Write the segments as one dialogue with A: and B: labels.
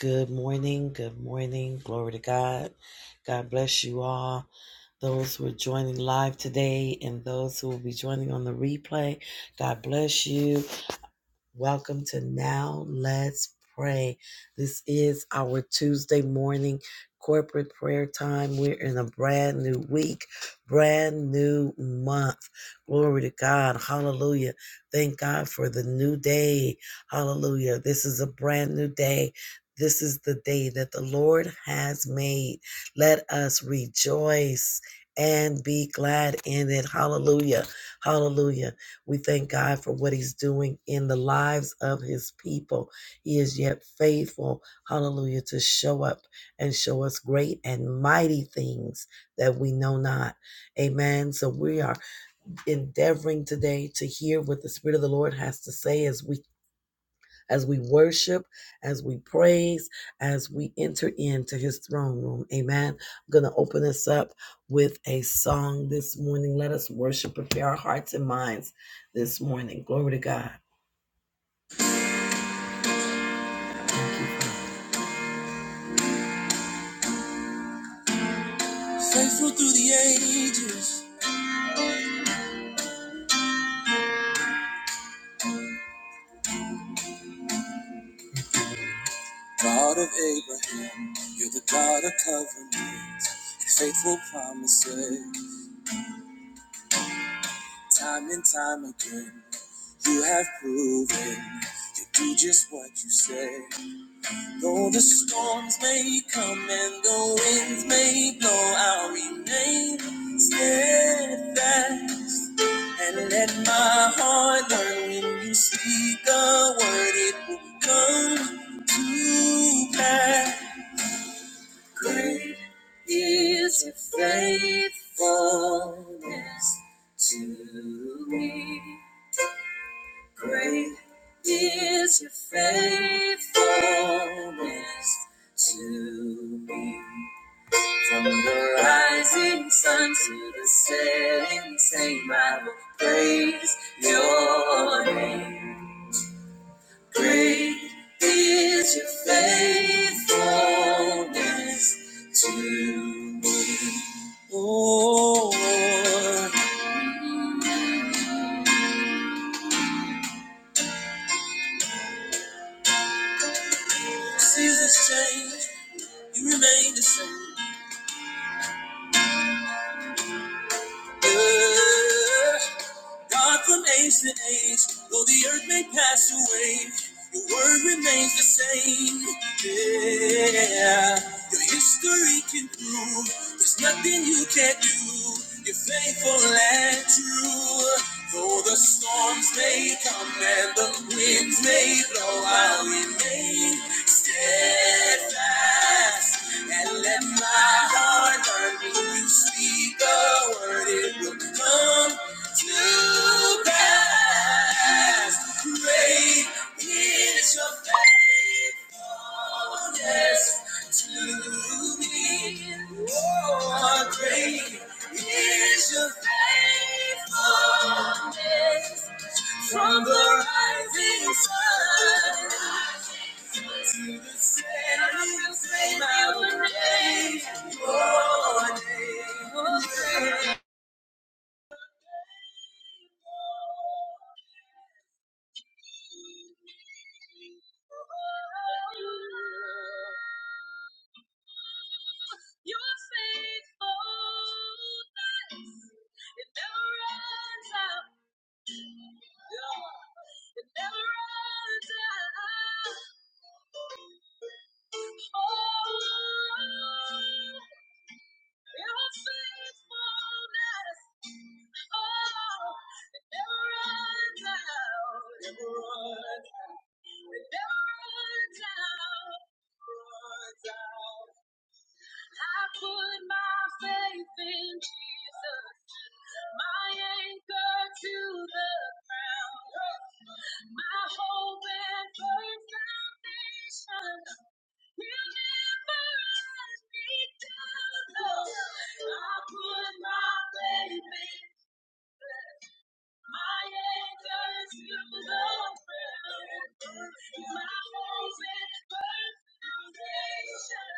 A: Good morning. Good morning. Glory to God. God bless you all. Those who are joining live today and those who will be joining on the replay, God bless you. Welcome to Now Let's Pray. This is our Tuesday morning corporate prayer time. We're in a brand new week, brand new month. Glory to God. Hallelujah. Thank God for the new day. Hallelujah. This is a brand new day. This is the day that the Lord has made. Let us rejoice and be glad in it. Hallelujah. Hallelujah. We thank God for what He's doing in the lives of His people. He is yet faithful, hallelujah, to show up and show us great and mighty things that we know not. Amen. So we are endeavoring today to hear what the Spirit of the Lord has to say as we as we worship, as we praise, as we enter into his throne room. Amen. I'm going to open us up with a song this morning. Let us worship, prepare our hearts and minds this morning. Glory to God. Thank you. Father. Faithful through the ages, God of Abraham, you're the God of covenant and faithful promises, time and time again. You have proven you do just what you say. Though the storms may come and the winds may blow, I'll remain steadfast. And let my heart learn when you speak a word, it will come to pass. Great is your faithfulness to me. Great is your faithfulness to me. From the rising sun to the setting same, I will praise your name. Great is your faithfulness to me. Oh, Lord, seasons change. You remain the same. Yeah. God from age to age, though the earth may pass away, your word remains the same. Yeah. Your history can prove there's nothing you can't do. You're faithful and true. Though the storms may come and the winds may blow, I'll remain steadfast and let my heart learn When You speak a word, it will come to pass. Great is your faithfulness to me. Oh, great is your faithfulness. From the rising sun to the setting flame, I will praise your name. Your name. Your faithfulness, it never runs out. It never runs out. Oh, your faithfulness. Oh, it never runs out. It never runs out. It never runs out. Runs out. I put my faith in Jesus, my anchor to the ground, my hope and firm foundation will never let me down. No, I put my faith in my anchor to ground, my hope and foundation.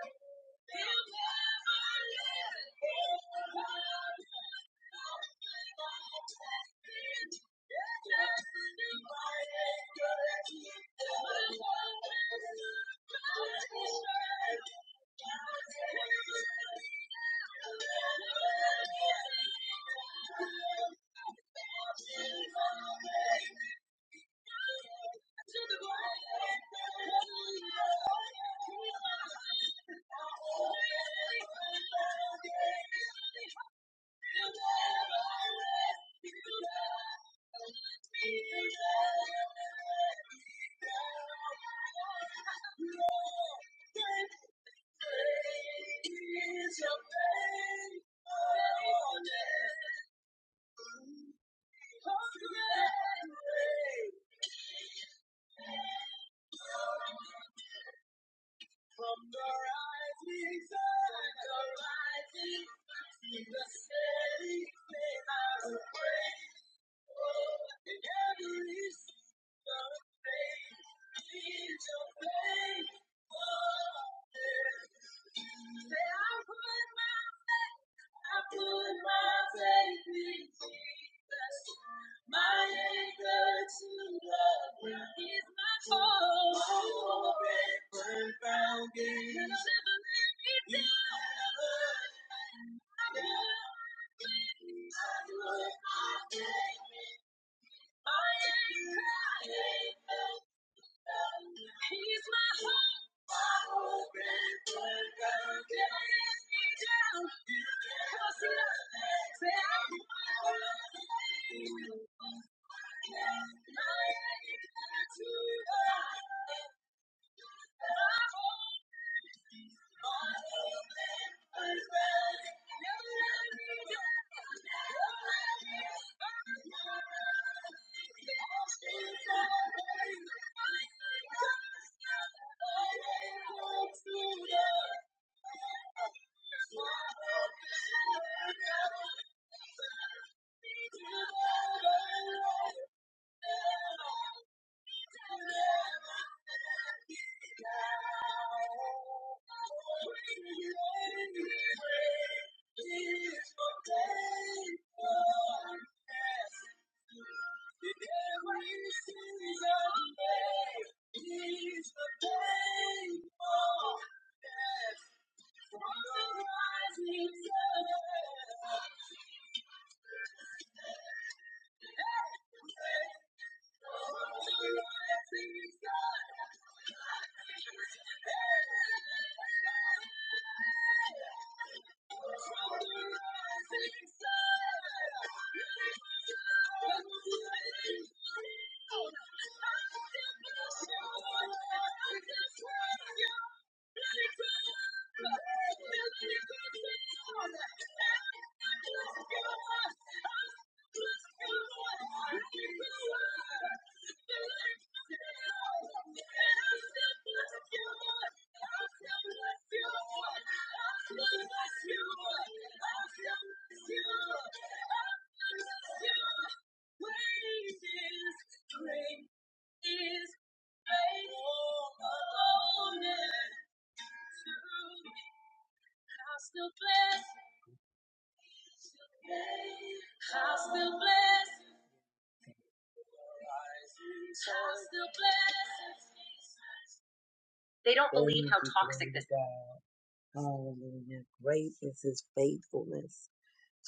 A: Hallelujah. Great is his faithfulness.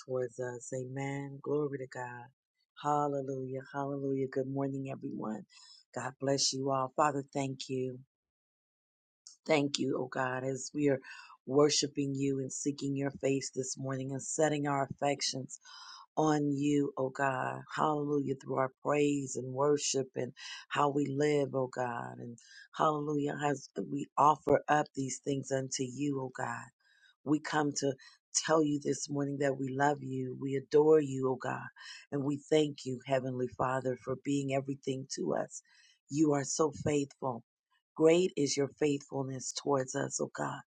A: towards us. Amen. Glory to God. Hallelujah. Hallelujah. Good morning, everyone. God bless you all. Father, thank you. Thank you, oh God, as we are worshiping you and seeking your face this morning and setting our affections on you, oh God. Hallelujah. Through our praise and worship and how we live, oh God. And hallelujah. As we offer up these things unto you, oh God. We come to tell you this morning that we love you. We adore you, oh God. And we thank you, Heavenly Father, for being everything to us. You are so faithful. Great is your faithfulness towards us, oh God.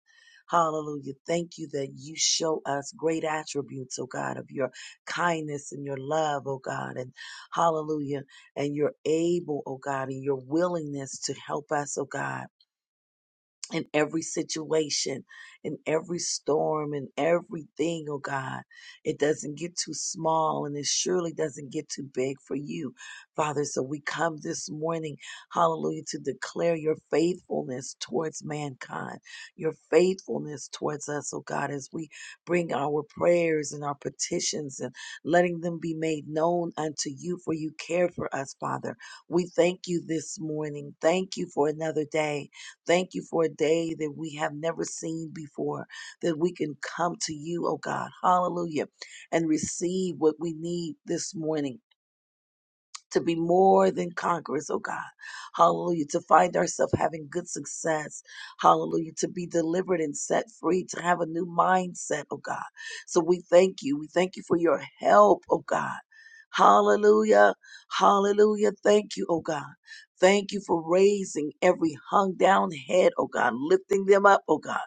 A: Hallelujah. Thank you that you show us great attributes, oh God, of your kindness and your love, oh God. And hallelujah. And you're able, oh God, and your willingness to help us, oh God in every situation, in every storm, in everything, oh God. It doesn't get too small and it surely doesn't get too big for you, Father. So we come this morning, hallelujah, to declare your faithfulness towards mankind, your faithfulness towards us, oh God, as we bring our prayers and our petitions and letting them be made known unto you, for you care for us, Father. We thank you this morning. Thank you for another day. Thank you for a day that we have never seen before, that we can come to you, oh God, hallelujah, and receive what we need this morning to be more than conquerors, oh God. Hallelujah. To find ourselves having good success. Hallelujah. To be delivered and set free, to have a new mindset, oh God. So we thank you. We thank you for your help, oh God. Hallelujah. Hallelujah. Thank you, oh God. Thank you for raising every hung down head, oh God, lifting them up, oh God.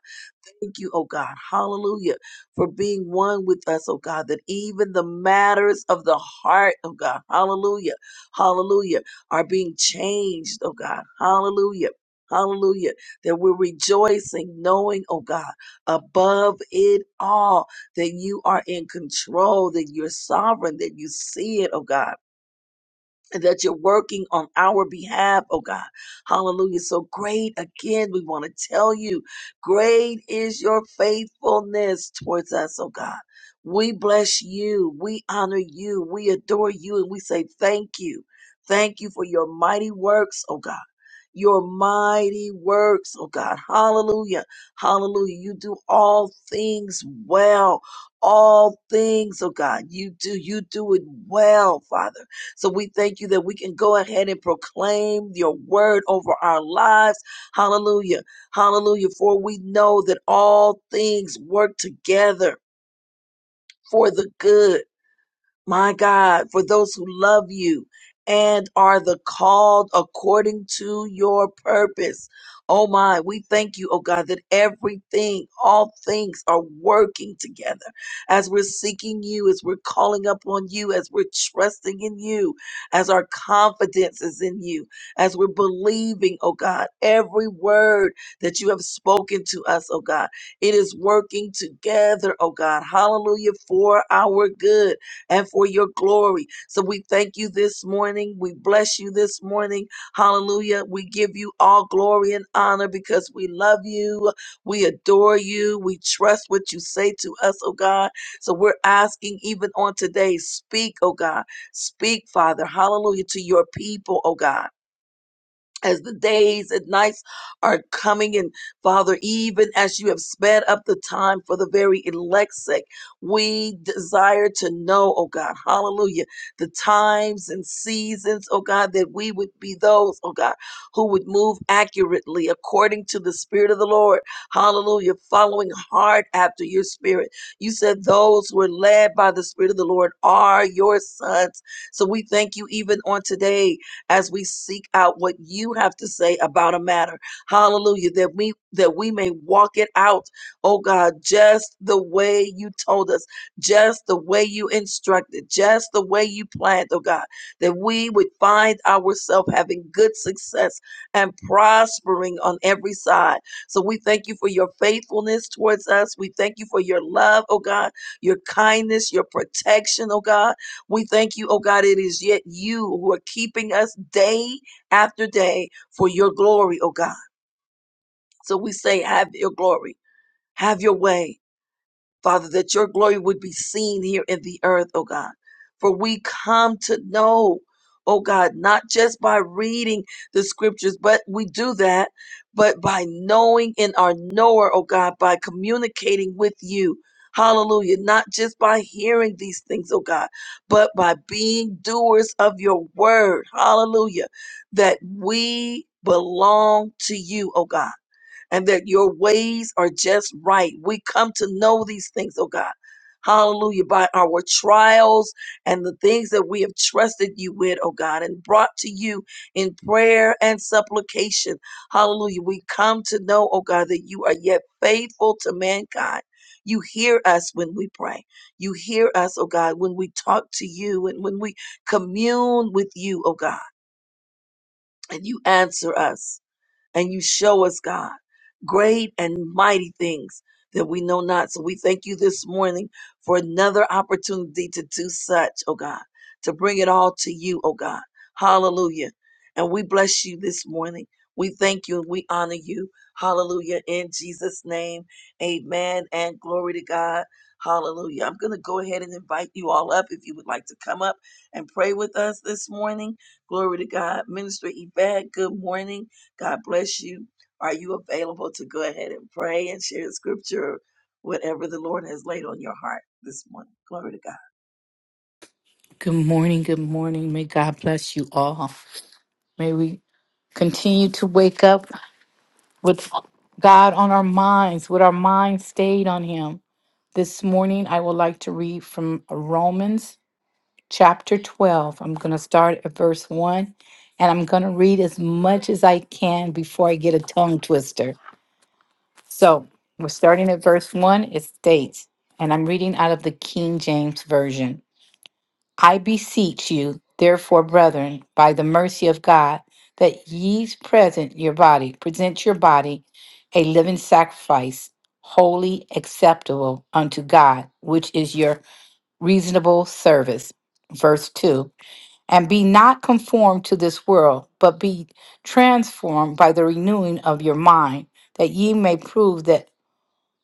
A: Thank you, oh God. Hallelujah. For being one with us, oh God, that even the matters of the heart, oh God, hallelujah hallelujah, are being changed, oh God, hallelujah. Hallelujah. That we're rejoicing, knowing, oh God, above it all, that you are in control, that you're sovereign, that you see it, oh God and that you're working on our behalf, oh God. Hallelujah. So great again, we want to tell you, great is your faithfulness towards us, oh God. We bless you, we honor you, we adore you, and we say thank you. Thank you for your mighty works, oh God. Your mighty works, oh God. Hallelujah. Hallelujah. You do all things well. All things, oh God. You do, you do it well, Father. So we thank you that we can go ahead and proclaim your word over our lives. Hallelujah. Hallelujah. For we know that all things work together for the good my God, for those who love you and are the called according to your purpose. Oh my, we thank you, oh God, that everything, all things are working together as we're seeking you, as we're calling upon you, as we're trusting in you, as our confidence is in you, as we're believing, oh God, every word that you have spoken to us, oh God, it is working together, oh God. Hallelujah for our good and for your glory. So we thank you this morning. We bless you this morning. Hallelujah. We give you all glory and honor because we love you. We adore you. We trust what you say to us, oh God. So we're asking even on today, speak, oh God. Speak, Father. Hallelujah to your people, oh God as the days and nights are coming and father even as you have sped up the time for the very elect's sake we desire to know oh god hallelujah the times and seasons oh god that we would be those oh god who would move accurately according to the spirit of the lord hallelujah following hard after your spirit you said those who are led by the spirit of the lord are your sons so we thank you even on today as we seek out what you have to say about a matter. Hallelujah. That we that we may walk it out, oh God, just the way you told us, just the way you instructed, just the way you planned, oh God, that we would find ourselves having good success and prospering on every side. So we thank you for your faithfulness towards us. We thank you for your love, oh God, your kindness, your protection, oh God. We thank you, oh God, it is yet you who are keeping us day after day for your glory, oh God. So we say, have your glory, have your way. Father, that your glory would be seen here in the earth, oh God. For we come to know, oh God, not just by reading the scriptures, but we do that, but by knowing in our knower, oh God, by communicating with you. Hallelujah. Not just by hearing these things, oh God, but by being doers of your word. Hallelujah. That we belong to you, oh God and that your ways are just right. We come to know these things, oh God. Hallelujah. By our trials and the things that we have trusted you with, oh God, and brought to you in prayer and supplication. Hallelujah. We come to know, oh God, that you are yet faithful to mankind. You hear us when we pray. You hear us, oh God, when we talk to you and when we commune with you, oh God, and you answer us and you show us, God, great and mighty things that we know not. So we thank you this morning for another opportunity to do such, oh God, to bring it all to you, oh God. Hallelujah. And we bless you this morning. We thank you and we honor you. Hallelujah. In Jesus' name, amen and glory to God. Hallelujah. I'm going to go ahead and invite you all up if you would like to come up and pray with us this morning. Glory to God. Minister Yvette, good morning. God bless you. Are you available to go ahead and pray and share the scripture, whatever the Lord has laid on your heart this morning? Glory to God.
B: Good morning. Good morning. May God bless you all. May we continue to wake up with God on our minds, with our minds stayed on Him. This morning, I would like to read from Romans chapter 12. I'm going to start at verse 1, and I'm going to read as much as I can before I get a tongue twister. So we're starting at verse 1. It states, and I'm reading out of the King James Version. I beseech you, therefore, brethren, by the mercy of God, that ye present your body, present your body a living sacrifice, holy, acceptable unto God, which is your reasonable service. Verse 2 And be not conformed to this world, but be transformed by the renewing of your mind, that ye may prove that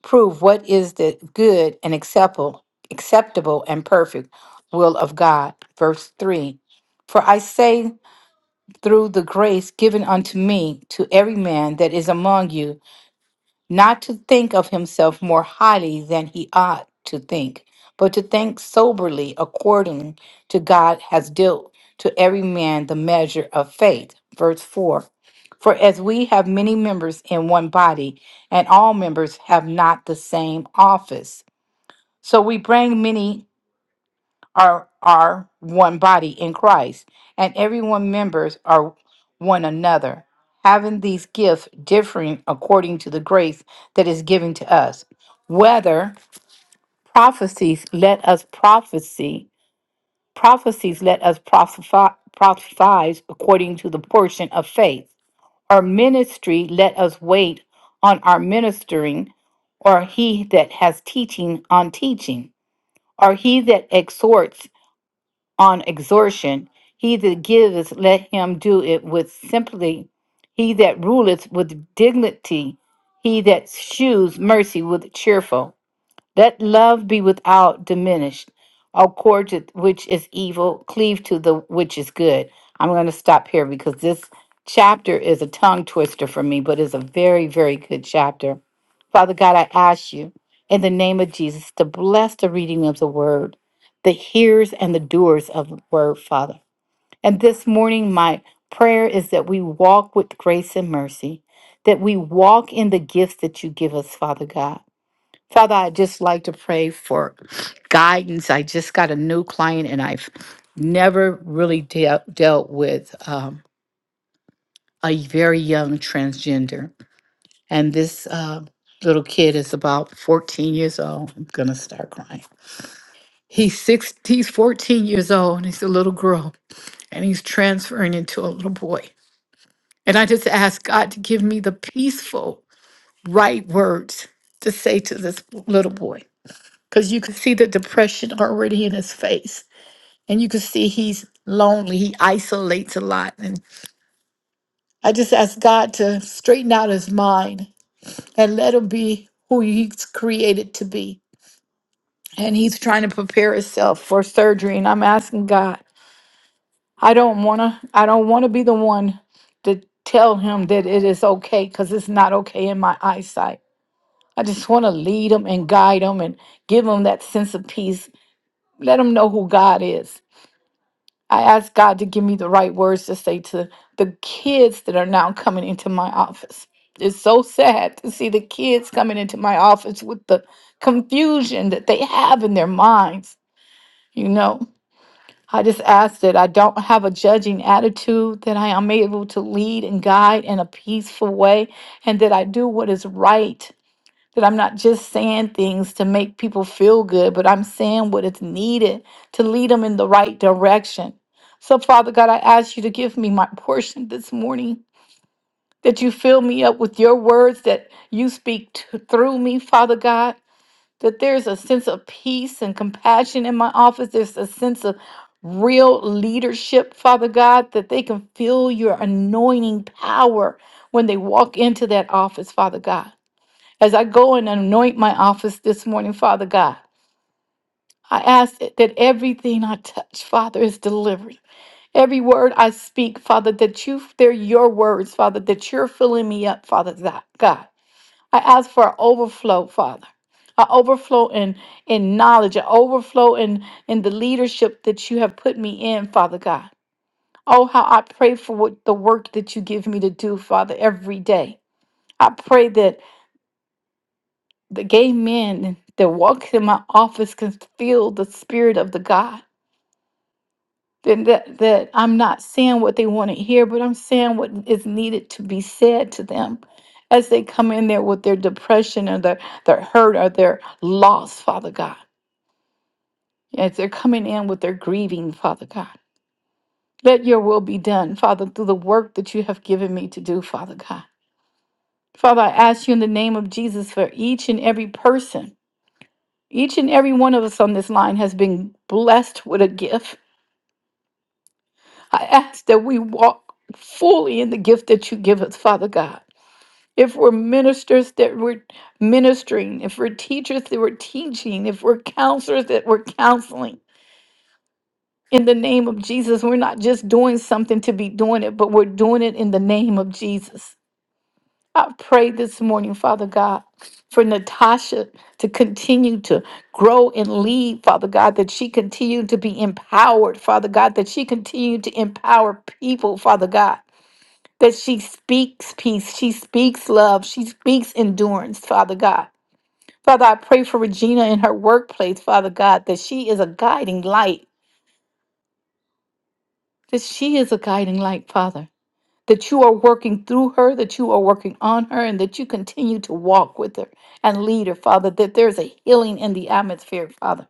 B: prove what is the good and acceptable acceptable and perfect will of God verse 3 for I say through the grace given unto me to every man that is among you not to think of himself more highly than he ought to think, but to think soberly according to God has dealt to every man the measure of faith. Verse 4 For as we have many members in one body, and all members have not the same office, so we bring many are are one body in Christ, and everyone members are one another, having these gifts differing according to the grace that is given to us. Whether prophecies let us prophecy, prophecies let us prophesy, prophesize according to the portion of faith, or ministry let us wait on our ministering, or he that has teaching on teaching, or he that exhorts on exhortation. He that giveth, let him do it with simply. He that ruleth with dignity. He that shews mercy with cheerful. Let love be without diminished. All cords with which is evil, cleave to the which is good. I'm going to stop here because this chapter is a tongue twister for me, but it's a very, very good chapter. Father God, I ask you in the name of Jesus to bless the reading of the word, the hearers and the doers of the word, Father. And this morning, my prayer is that we walk with grace and mercy, that we walk in the gifts that you give us, Father God Father, I just like to pray for guidance. I just got a new client and I've never really dealt dealt with um, a very young transgender. And this uh, little kid is about 14 years old. I'm going to start crying. He's, six, he's 14 years old and he's a little girl and he's transferring into a little boy. And I just ask God to give me the peaceful, right words to say to this little boy because you can see the depression already in his face and you can see he's lonely he isolates a lot and i just ask god to straighten out his mind and let him be who he's created to be and he's trying to prepare himself for surgery and i'm asking god i don't want to i don't want to be the one to tell him that it is okay because it's not okay in my eyesight i just want to lead him and guide him and give him that sense of peace let him know who god is I ask God to give me the right words to say to the kids that are now coming into my office. It's so sad to see the kids coming into my office with the confusion that they have in their minds. You know, I just ask that I don't have a judging attitude, that I am able to lead and guide in a peaceful way, and that I do what is right that I'm not just saying things to make people feel good, but I'm saying what is needed to lead them in the right direction. So, Father God, I ask you to give me my portion this morning, that you fill me up with your words, that you speak to, through me, Father God, that there's a sense of peace and compassion in my office. There's a sense of real leadership, Father God, that they can feel your anointing power when they walk into that office, Father God. As I go and anoint my office this morning, Father God, I ask that that everything I touch, Father, is delivered. Every word I speak, Father, that you, they're your words, Father, that you're filling me up, Father God. God. I ask for an overflow, Father. I overflow in, in knowledge, I overflow in, in the leadership that you have put me in, Father God. Oh, how I pray for what the work that you give me to do, Father, every day. I pray that The gay men that walks in my office can feel the spirit of the God. Then that, that I'm not saying what they want to hear, but I'm saying what is needed to be said to them as they come in there with their depression or their, their hurt or their loss, Father God. As they're coming in with their grieving, Father God. Let your will be done, Father, through the work that you have given me to do, Father God. Father, I ask you in the name of Jesus for each and every person Each and every one of us on this line has been blessed with a gift. I ask that we walk fully in the gift that you give us, Father God. If we're ministers that we're ministering, if we're teachers that we're teaching, if we're counselors that we're counseling, in the name of Jesus, we're not just doing something to be doing it, but we're doing it in the name of Jesus. I pray this morning, Father God, for Natasha to continue to grow and lead, Father God, that she continue to be empowered, Father God, that she continue to empower people, Father God, that she speaks peace, she speaks love, she speaks endurance, Father God. Father, I pray for Regina in her workplace, Father God, that she is a guiding light, that she is a guiding light, Father. that you are working through her, that you are working on her, and that you continue to walk with her and lead her, Father, that there's a healing in the atmosphere, Father.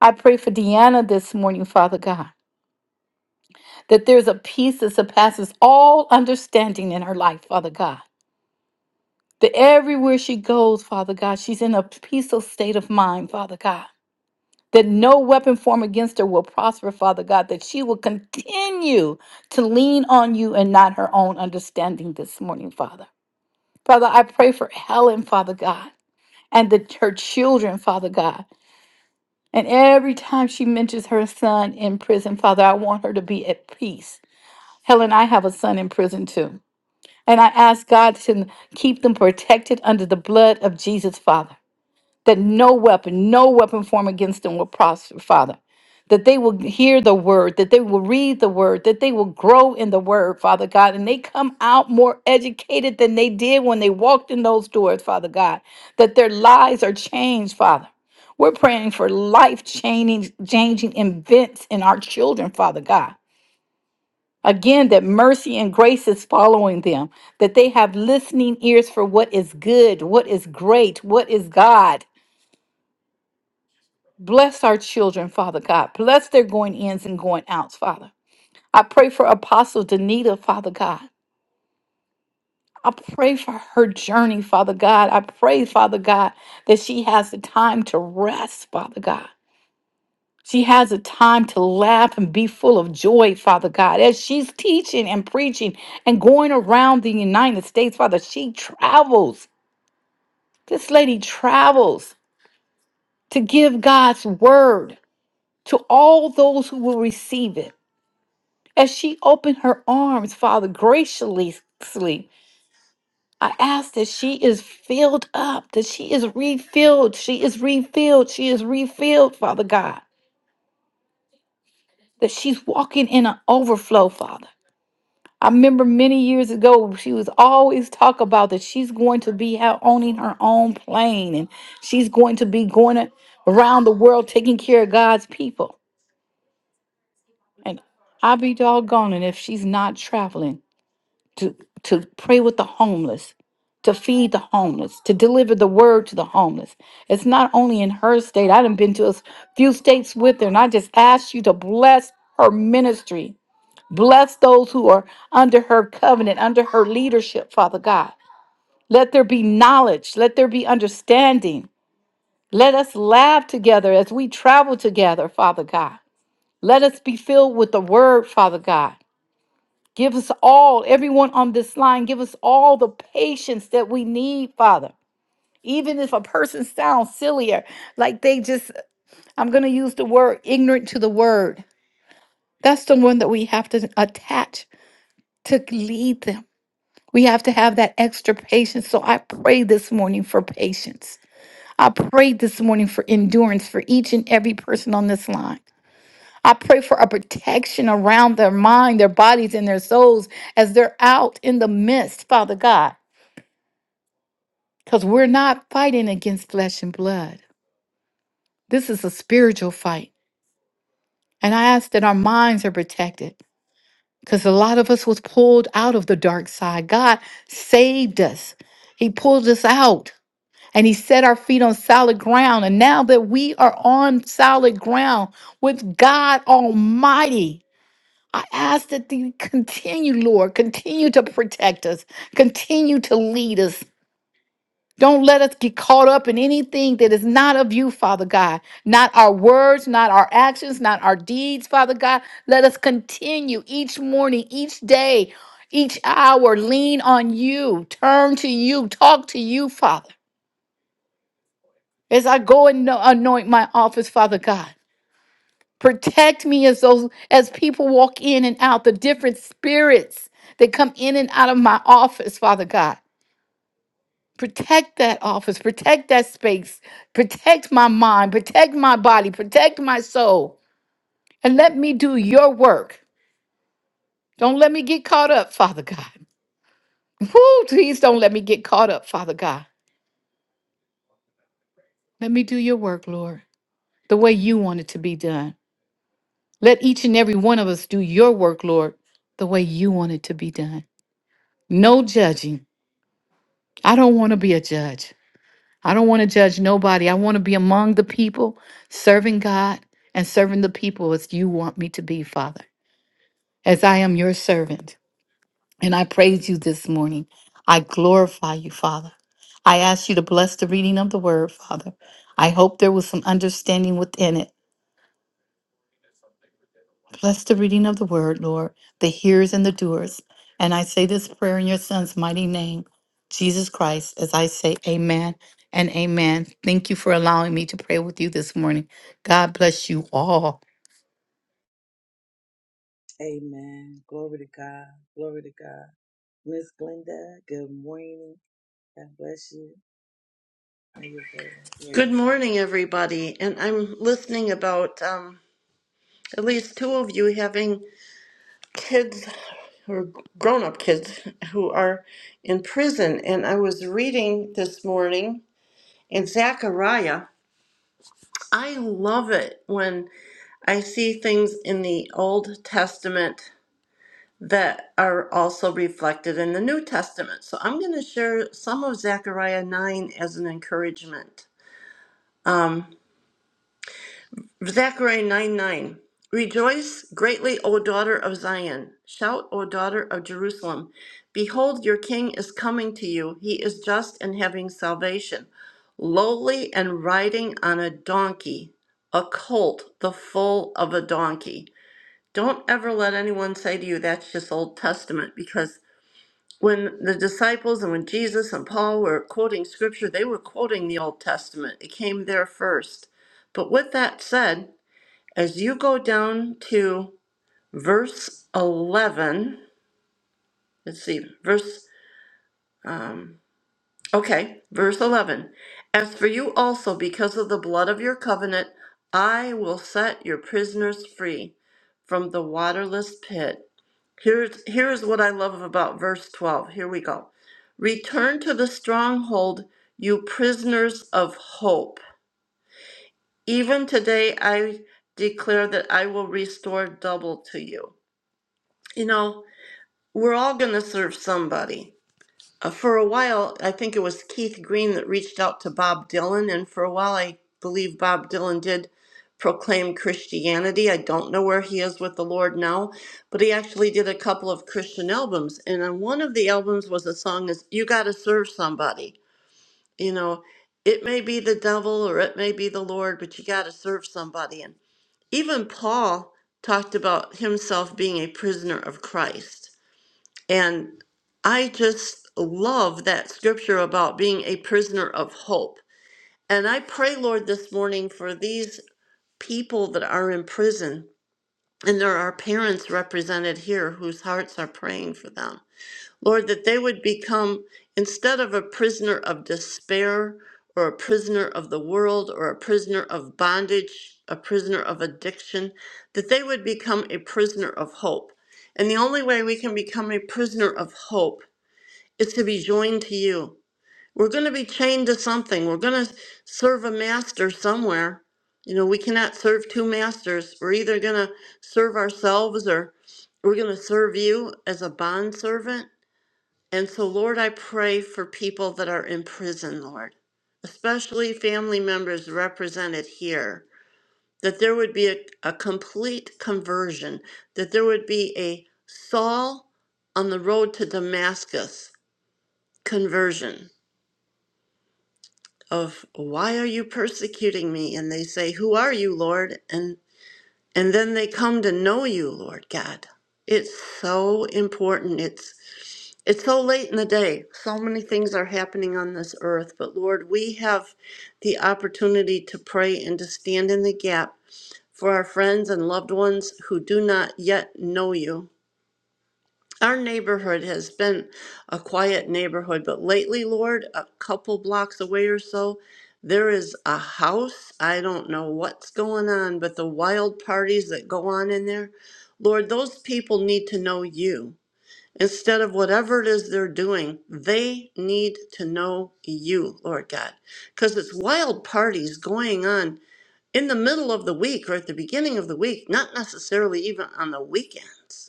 B: I pray for Deanna this morning, Father God, that there's a peace that surpasses all understanding in her life, Father God. That everywhere she goes, Father God, she's in a peaceful state of mind, Father God. That no weapon formed against her will prosper, Father God. That she will continue to lean on you and not her own understanding this morning, Father. Father, I pray for Helen, Father God, and the, her children, Father God. And every time she mentions her son in prison, Father, I want her to be at peace. Helen, I have a son in prison too. And I ask God to keep them protected under the blood of Jesus, Father that no weapon, no weapon formed against them will prosper, Father. That they will hear the word, that they will read the word, that they will grow in the word, Father God, and they come out more educated than they did when they walked in those doors, Father God, that their lives are changed, Father. We're praying for life changing, changing events in our children, Father God. Again, that mercy and grace is following them, that they have listening ears for what is good, what is great, what is God Bless our children, Father God. Bless their going ins and going outs, Father. I pray for Apostle Danita, Father God. I pray for her journey, Father God. I pray, Father God, that she has the time to rest, Father God. She has the time to laugh and be full of joy, Father God. As she's teaching and preaching and going around the United States, Father, she travels. This lady travels to give God's word to all those who will receive it. As she opened her arms, Father, graciously, I ask that she is filled up, that she is refilled, she is refilled, she is refilled, Father God, that she's walking in an overflow, Father. I remember many years ago, she was always talk about that she's going to be out owning her own plane and she's going to be going a- around the world taking care of God's people. And I be doggone it if she's not traveling to to pray with the homeless to feed the homeless to deliver the word to the homeless it's not only in her state i done been to a s- few states with her and i just ask you to bless her ministry bless those who are under her covenant under her leadership father god let there be knowledge let there be understanding let us laugh together as we travel together father god let us be filled with the word father god Give us all, everyone on this line, give us all the patience that we need, Father. Even if a person sounds sillier, like they just, I'm going to use the word ignorant to the word. That's the one that we have to attach to lead them. We have to have that extra patience. So I pray this morning for patience. I pray this morning for endurance for each and every person on this line. I pray for a protection around their mind, their bodies, and their souls as they're out in the midst, Father God. because we're not fighting against flesh and blood. This is a spiritual fight. And I ask that our minds are protected because a lot of us was pulled out of the dark side. God saved us. He pulled us out and he set our feet on solid ground. And now that we are on solid ground with God Almighty, I ask that you continue, Lord, continue to protect us, continue to lead us, Don't let us get caught up in anything that is not of you, Father God. Not our words, not our actions, not our deeds, Father God. Let us continue each morning, each day, each hour, lean on you, turn to you, talk to you, Father. As I go and ano- anoint my office, Father God, protect me as those as people walk in and out, the different spirits that come in and out of my office, Father God. protect that office, protect that space, protect my mind, protect my body, protect my soul, and let me do your work. Don't let me get caught up, Father God. Woo, please don't let me get caught up, Father God. Let me do your work, Lord, the way you want it to be done. Let each and every one of us do your work, Lord, the way you want it to be done. No judging. I don't want to be a judge. I don't want to judge nobody. I want to be among the people, serving God and serving the people as you want me to be, Father, as I am your servant. And I praise you this morning. I glorify you, Father. I ask you to bless the reading of the word, Father. I hope there was some understanding within it. Bless the reading of the word, Lord, the hearers and the doers. And I say this prayer in your son's mighty name, Jesus Christ, as I say amen and amen. Thank you for allowing me to pray with you this morning. God bless you all.
A: Amen. Glory to God. Glory to God. Miss Glenda, good morning. God bless you. Are you available? There
C: Good
A: you go.
C: morning, everybody. And I'm listening about um, at least two of you having kids or grown up kids who are in prison. And I was reading this morning in Zechariah. I love it when I see things in the Old Testament that are also reflected in the New Testament. So I'm going to share some of Zechariah 9 as an encouragement. Um, Zechariah 9 9. Rejoice greatly, O daughter of Zion. Shout, O daughter of Jerusalem. Behold, your king is coming to you. He is just and having salvation, lowly and riding on a donkey, a colt, the foal of a donkey. Don't ever let anyone say to you that's just Old Testament because when the disciples and when Jesus and Paul were quoting scripture, they were quoting the Old Testament. It came there first. But with that said, as you go down to verse 11, let's see, verse, um, okay, verse 11. As for you also, because of the blood of your covenant, I will set your prisoners free from the waterless pit. Here's, here's what I love about verse 12. Here we go. Return to the stronghold, you prisoners of hope. Even today I declare that I will restore double to you. You know, We're all going to serve somebody. Uh, for a while, I think it was Keith Green that reached out to Bob Dylan, and for a while, I believe Bob Dylan did proclaim Christianity. I don't know where he is with the Lord now, but he actually did a couple of Christian albums, and on one of the albums was a song is "You Got to Serve Somebody." You know, it may be the devil or it may be the Lord, but you got to serve somebody. And even Paul talked about himself being a prisoner of Christ and I just love that scripture about being a prisoner of hope. And I pray, Lord, this morning for these people that are in prison. And there are parents represented here whose hearts are praying for them. Lord, that they would become, instead of a prisoner of despair or a prisoner of the world or a prisoner of bondage, a prisoner of addiction, that they would become a prisoner of hope. And the only way we can become a prisoner of hope is to be joined to you. We're going to be chained to something. We're going to serve a master somewhere. You know, we cannot serve two masters. We're either going to serve ourselves or we're going to serve you as a bond servant. And so, Lord, I pray for people that are in prison, Lord, especially family members represented here, that there would be a, a complete conversion, that there would be a Saul on the road to Damascus conversion of why are you persecuting me and they say who are you lord and and then they come to know you lord god it's so important it's it's so late in the day so many things are happening on this earth but lord we have the opportunity to pray and to stand in the gap for our friends and loved ones who do not yet know you our neighborhood has been a quiet neighborhood, but lately, Lord, a couple blocks away or so, there is a house. I don't know what's going on, but the wild parties that go on in there, Lord, those people need to know you. Instead of whatever it is they're doing, they need to know you, Lord God. Because it's wild parties going on in the middle of the week or at the beginning of the week, not necessarily even on the weekends.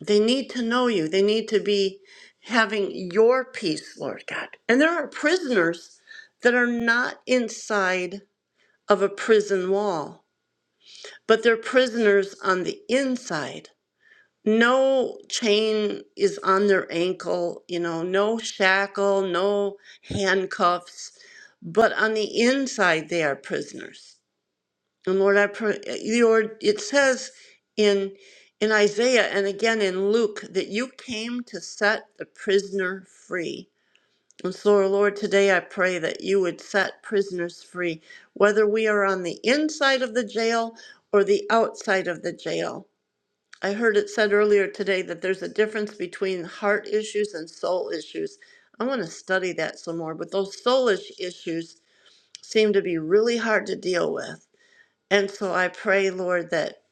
C: They need to know you. They need to be having your peace, Lord God. And there are prisoners that are not inside of a prison wall, but they're prisoners on the inside. No chain is on their ankle, you know, no shackle, no handcuffs, but on the inside they are prisoners. And Lord, I pray, Lord, it says in in Isaiah and again in Luke that you came to set the prisoner free. And so, Lord, today I pray that you would set prisoners free, whether we are on the inside of the jail or the outside of the jail. I heard it said earlier today that there's a difference between heart issues and soul issues. I want to study that some more, but those soulish issues seem to be really hard to deal with. And so I pray, Lord, that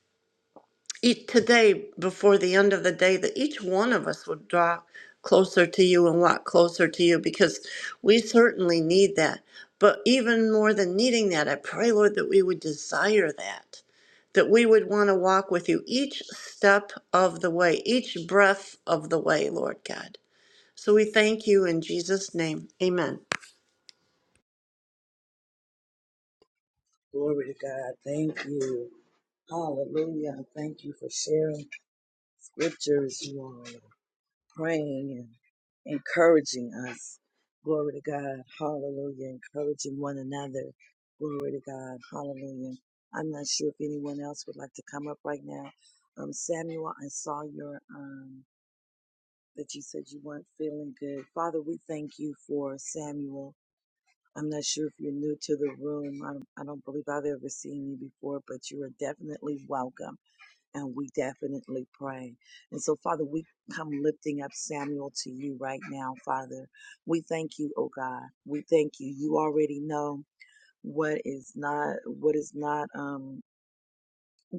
C: each today, before the end of the day, that each one of us would draw closer to you and walk closer to you because we certainly need that. But even more than needing that, I pray, Lord, that we would desire that, that we would want to walk with you each step of the way, each breath of the way, Lord God. So we thank you in Jesus' name. Amen.
A: Glory to God. Thank you. Hallelujah. I Thank you for sharing scriptures. You all are praying and encouraging us. Glory to God. Hallelujah. Encouraging one another. Glory to God. Hallelujah. I'm not sure if anyone else would like to come up right now. Um, Samuel, I saw your, um, that you said you weren't feeling good. Father, we thank you for Samuel. I'm not sure if you're new to the room. I, I don't believe I've ever seen you before, but you are definitely welcome. And we definitely pray. And so, Father, we come lifting up Samuel to you right now, Father. We thank you, oh God. We thank you. You already know what is not what is not um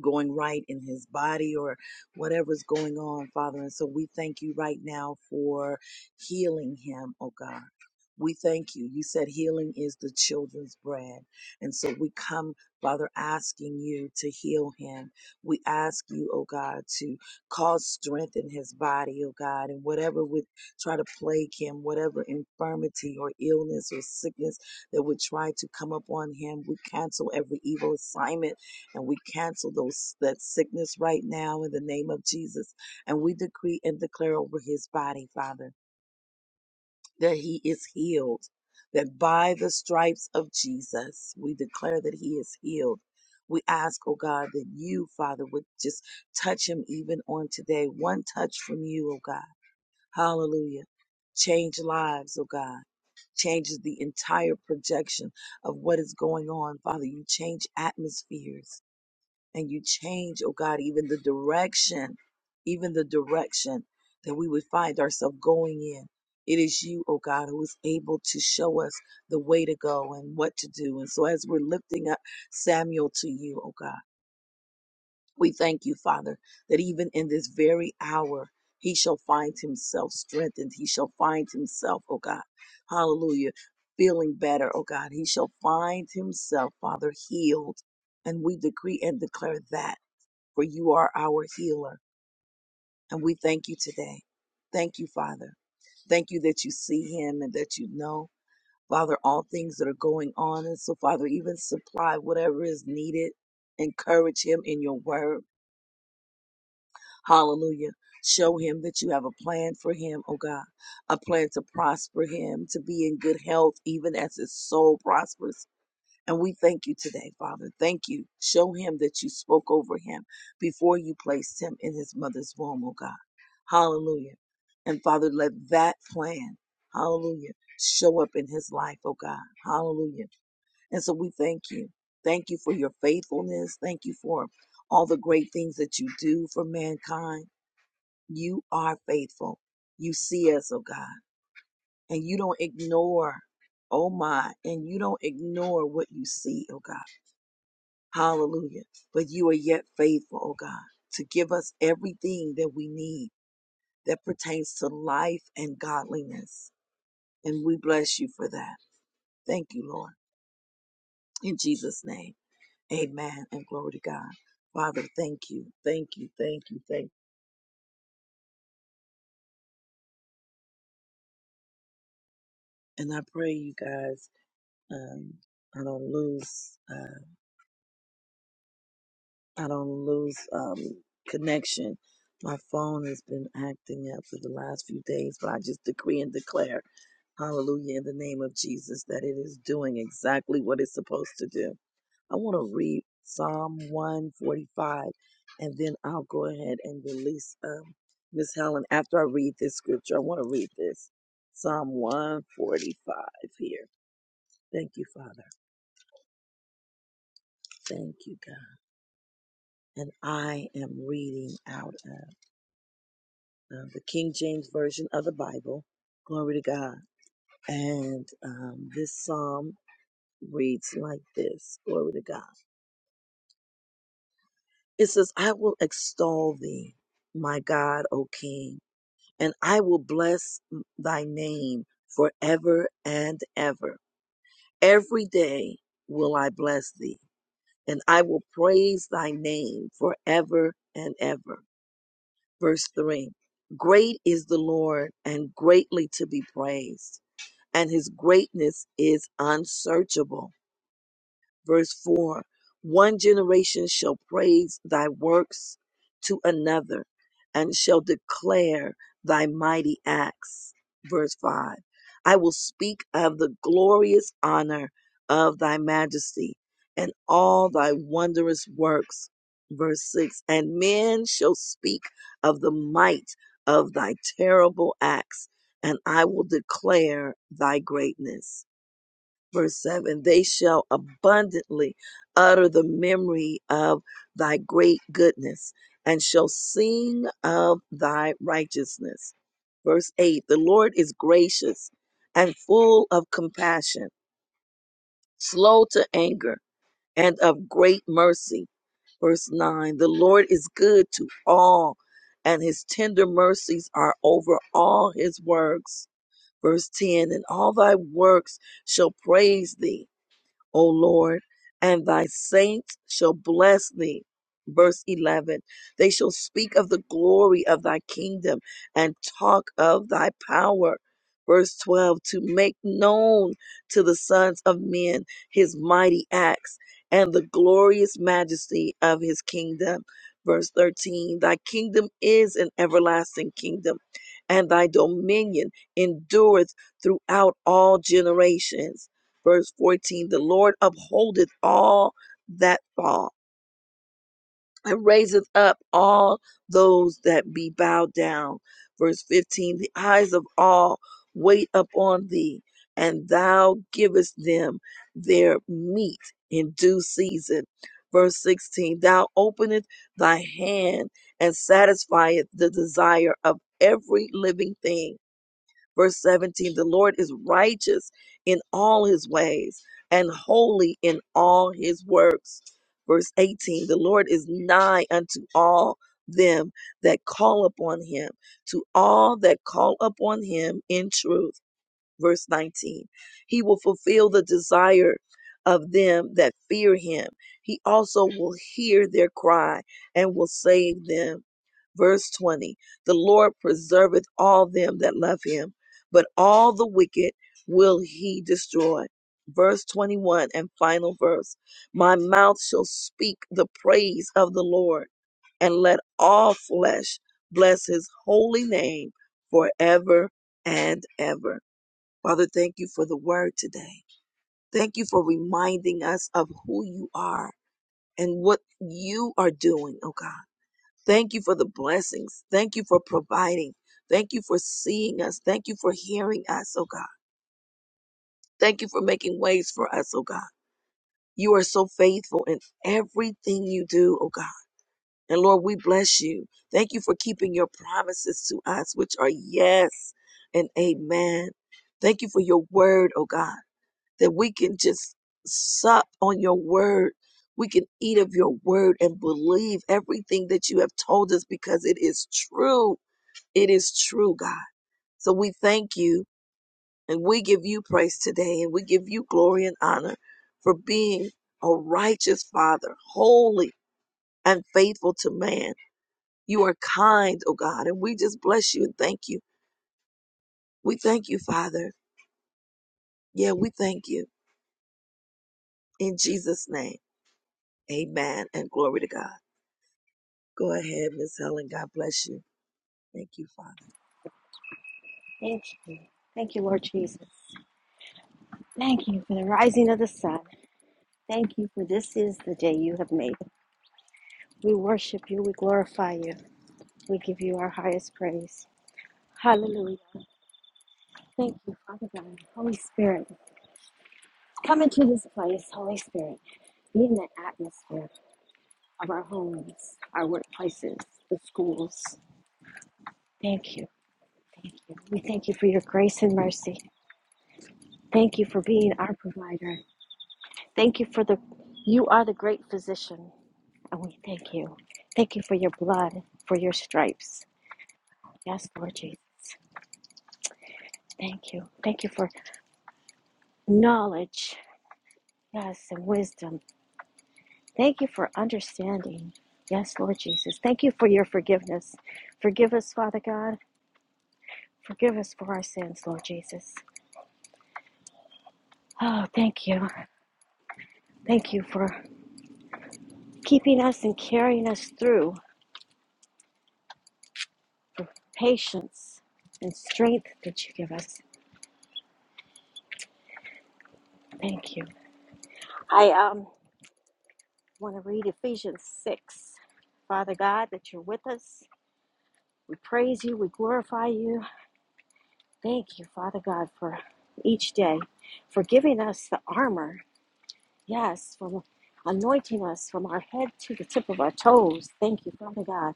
A: going right in his body or whatever's going on, Father. And so we thank you right now for healing him, oh God. We thank you. You said healing is the children's bread. And so we come, Father, asking you to heal him. We ask you, oh God, to cause strength in his body, oh God, and whatever would try to plague him, whatever infirmity or illness or sickness that would try to come upon him, we cancel every evil assignment and we cancel those that sickness right now in the name of Jesus. And we decree and declare over his body, Father, that he is healed. That by the stripes of Jesus, we declare that he is healed. We ask, oh God, that you, Father, would just touch him even on today. One touch from you, oh God. Hallelujah. Change lives, oh God. Changes the entire projection of what is going on, Father. You change atmospheres and you change, oh God, even the direction, even the direction that we would find ourselves going in. It is you, oh God, who is able to show us the way to go and what to do. And so as we're lifting up Samuel to you, oh God, we thank you, Father, that even in this very hour, he shall find himself strengthened. He shall find himself, oh God, hallelujah, feeling better, oh God. He shall find himself, Father, healed. And we decree and declare that for you are our healer. And we thank you today. Thank you, Father. Thank you that you see him and that you know, Father, all things that are going on. And so, Father, even supply whatever is needed. Encourage him in your word. Hallelujah. Show him that you have a plan for him, oh God, a plan to prosper him, to be in good health, even as his soul prospers. And we thank you today, Father. Thank you. Show him that you spoke over him before you placed him in his mother's womb, oh God. Hallelujah. And Father, let that plan, hallelujah, show up in his life, oh God. Hallelujah. And so we thank you. Thank you for your faithfulness. Thank you for all the great things that you do for mankind. You are faithful. You see us, oh God, and you don't ignore, oh my, and you don't ignore what you see, oh God. Hallelujah. But you are yet faithful, oh God, to give us everything that we need that pertains to life and godliness. And we bless you for that. Thank you, Lord. In Jesus' name, amen and glory to God. Father, thank you. Thank you. Thank you. Thank you. And I pray you guys, um, I don't lose, uh, I don't lose, um, connection. My phone has been acting up for the last few days, but I just decree and declare Hallelujah, in the name of Jesus, that it is doing exactly what it's supposed to do. I want to read Psalm 145, and then I'll go ahead and release um, Miss Helen. After I read this scripture, I want to read this Psalm 145 here. Thank you, Father. Thank you, God. And I am reading out of uh, the King James Version of the Bible. Glory to God. And um, this psalm reads like this Glory to God. It says, I will extol thee, my God, O King, and I will bless thy name forever and ever. Every day will I bless thee, and I will praise thy name forever and ever. Verse 3 Great is the Lord, and greatly to be praised, and his greatness is unsearchable. verse 4 One generation shall praise thy works to another and shall declare thy mighty acts. Verse 5 I will speak of the glorious honor of thy majesty and all thy wondrous works. Verse 6 And men shall speak of the might of thy terrible acts, and I will declare thy greatness Verse 7 They shall abundantly utter the memory of thy great goodness and shall sing of thy righteousness. Verse 8 The Lord is gracious and full of compassion, slow to anger, and of great mercy verse 9 the lord is good to all and his tender mercies are over all his works verse 10 and all thy works shall praise thee O Lord, and thy saints shall bless thee. Verse 11 They shall speak of the glory of thy kingdom and talk of thy power. Verse 12 To make known to the sons of men his mighty acts and the glorious majesty of his kingdom. Verse 13 Thy kingdom is an everlasting kingdom, and thy dominion endureth throughout all generations Verse 14 The Lord upholdeth all that fall and raiseth up all those that be bowed down. Verse 15 The eyes of all wait upon thee, and thou givest them their meat in due season. Verse 16 Thou openest thy hand and satisfieth the desire of every living thing Verse 17 The Lord is righteous in all his ways and holy in all his works. Verse 18 The Lord is nigh unto all them that call upon him, to all that call upon him in truth. Verse 19 He will fulfill the desire of them that fear him. He also will hear their cry and will save them. Verse 20 The Lord preserveth all them that love him, but all the wicked will he destroy. Verse 21 and final verse My mouth shall speak the praise of the Lord, and let all flesh bless his holy name forever and ever. Father, thank you for the word today. Thank you for reminding us of who you are and what you are doing, oh God. Thank you for the blessings. Thank you for providing. Thank you for seeing us. Thank you for hearing us, oh God. Thank you for making ways for us, oh God. You are so faithful in everything you do, oh God. And Lord, we bless you. Thank you for keeping your promises to us, which are yes and amen. Thank you for your word, oh God, that we can just sup on your word. We can eat of your word and believe everything that you have told us because it is true It is true, God. So we thank you and we give you praise today and we give you glory and honor for being a righteous Father, holy and faithful to man. You are kind, oh God, and we just bless you and thank you. We thank you, Father. Yeah, we thank you. In Jesus' name, amen and glory to God. Go ahead, Miss Helen. God bless you. Thank you, Father.
D: Thank you. Thank you, Lord Jesus. Thank you for the rising of the sun. Thank you for this is the day you have made. We worship you. We glorify you. We give you our highest praise. Hallelujah. Thank you, Father God. Holy Spirit, come into this place, Holy Spirit. Be in the atmosphere of our homes, our workplaces, the schools. Thank you. Thank you. We thank you for your grace and mercy. Thank you for being our provider. Thank you for the, you are the great physician. And we thank you. Thank you for your blood, for your stripes. Yes, Lord Jesus. Thank you. Thank you for knowledge. Yes, and wisdom. Thank you for understanding. Yes, Lord Jesus. Thank you for your forgiveness. Forgive us, Father God. Forgive us for our sins, Lord Jesus. Oh, thank you. Thank you for keeping us and carrying us through patience and strength that you give us. Thank you. I um I want to read Ephesians 6. Father God, that you're with us. We praise you. We glorify you. Thank you, Father God, for each day, for giving us the armor. Yes, for anointing us from our head to the tip of our toes. Thank you, Father God.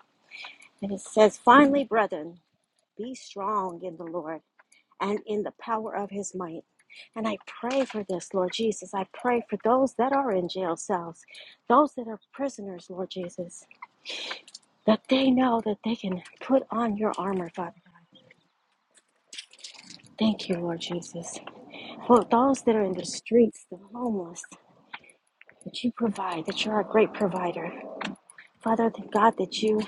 D: And it says, finally, brethren, be strong in the Lord and in the power of his might. And I pray for this, Lord Jesus. I pray for those that are in jail cells, those that are prisoners, Lord Jesus. that they know that they can put on your armor, Father God. Thank you, Lord Jesus. For those that are in the streets, the homeless, that you provide, that you're a great provider. Father God, that you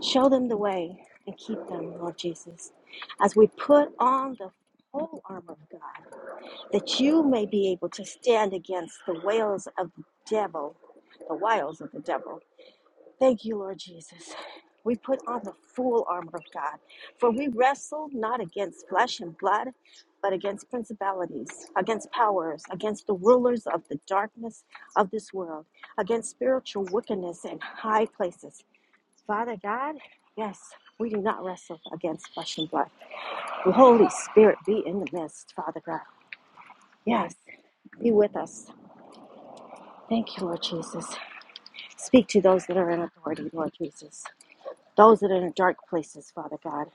D: show them the way and keep them, Lord Jesus. As we put on the whole armor of God, that you may be able to stand against the wiles of the devil, the wiles of the devil. Thank you, Lord Jesus. We put on the full armor of God, for we wrestle not against flesh and blood, but against principalities, against powers, against the rulers of the darkness of this world, against spiritual wickedness in high places. Father God, yes, we do not wrestle against flesh and blood. The Holy Spirit be in the midst, Father God. Yes, be with us. Thank you, Lord Jesus. Speak to those that are in authority, Lord Jesus. Those that are in dark places, Father God,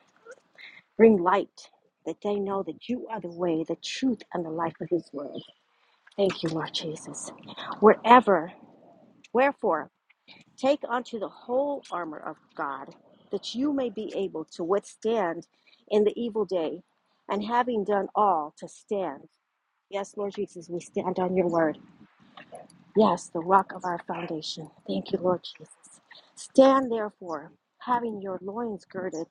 D: bring light that they know that you are the way, the truth, and the life of His word. Thank you, Lord Jesus. Wherever, wherefore, take unto the whole armor of God that you may be able to withstand in the evil day, and having done all, to stand. Yes, Lord Jesus, we stand on your word. Yes, the rock of our foundation. Thank you, Lord Jesus. Stand therefore, having your loins girded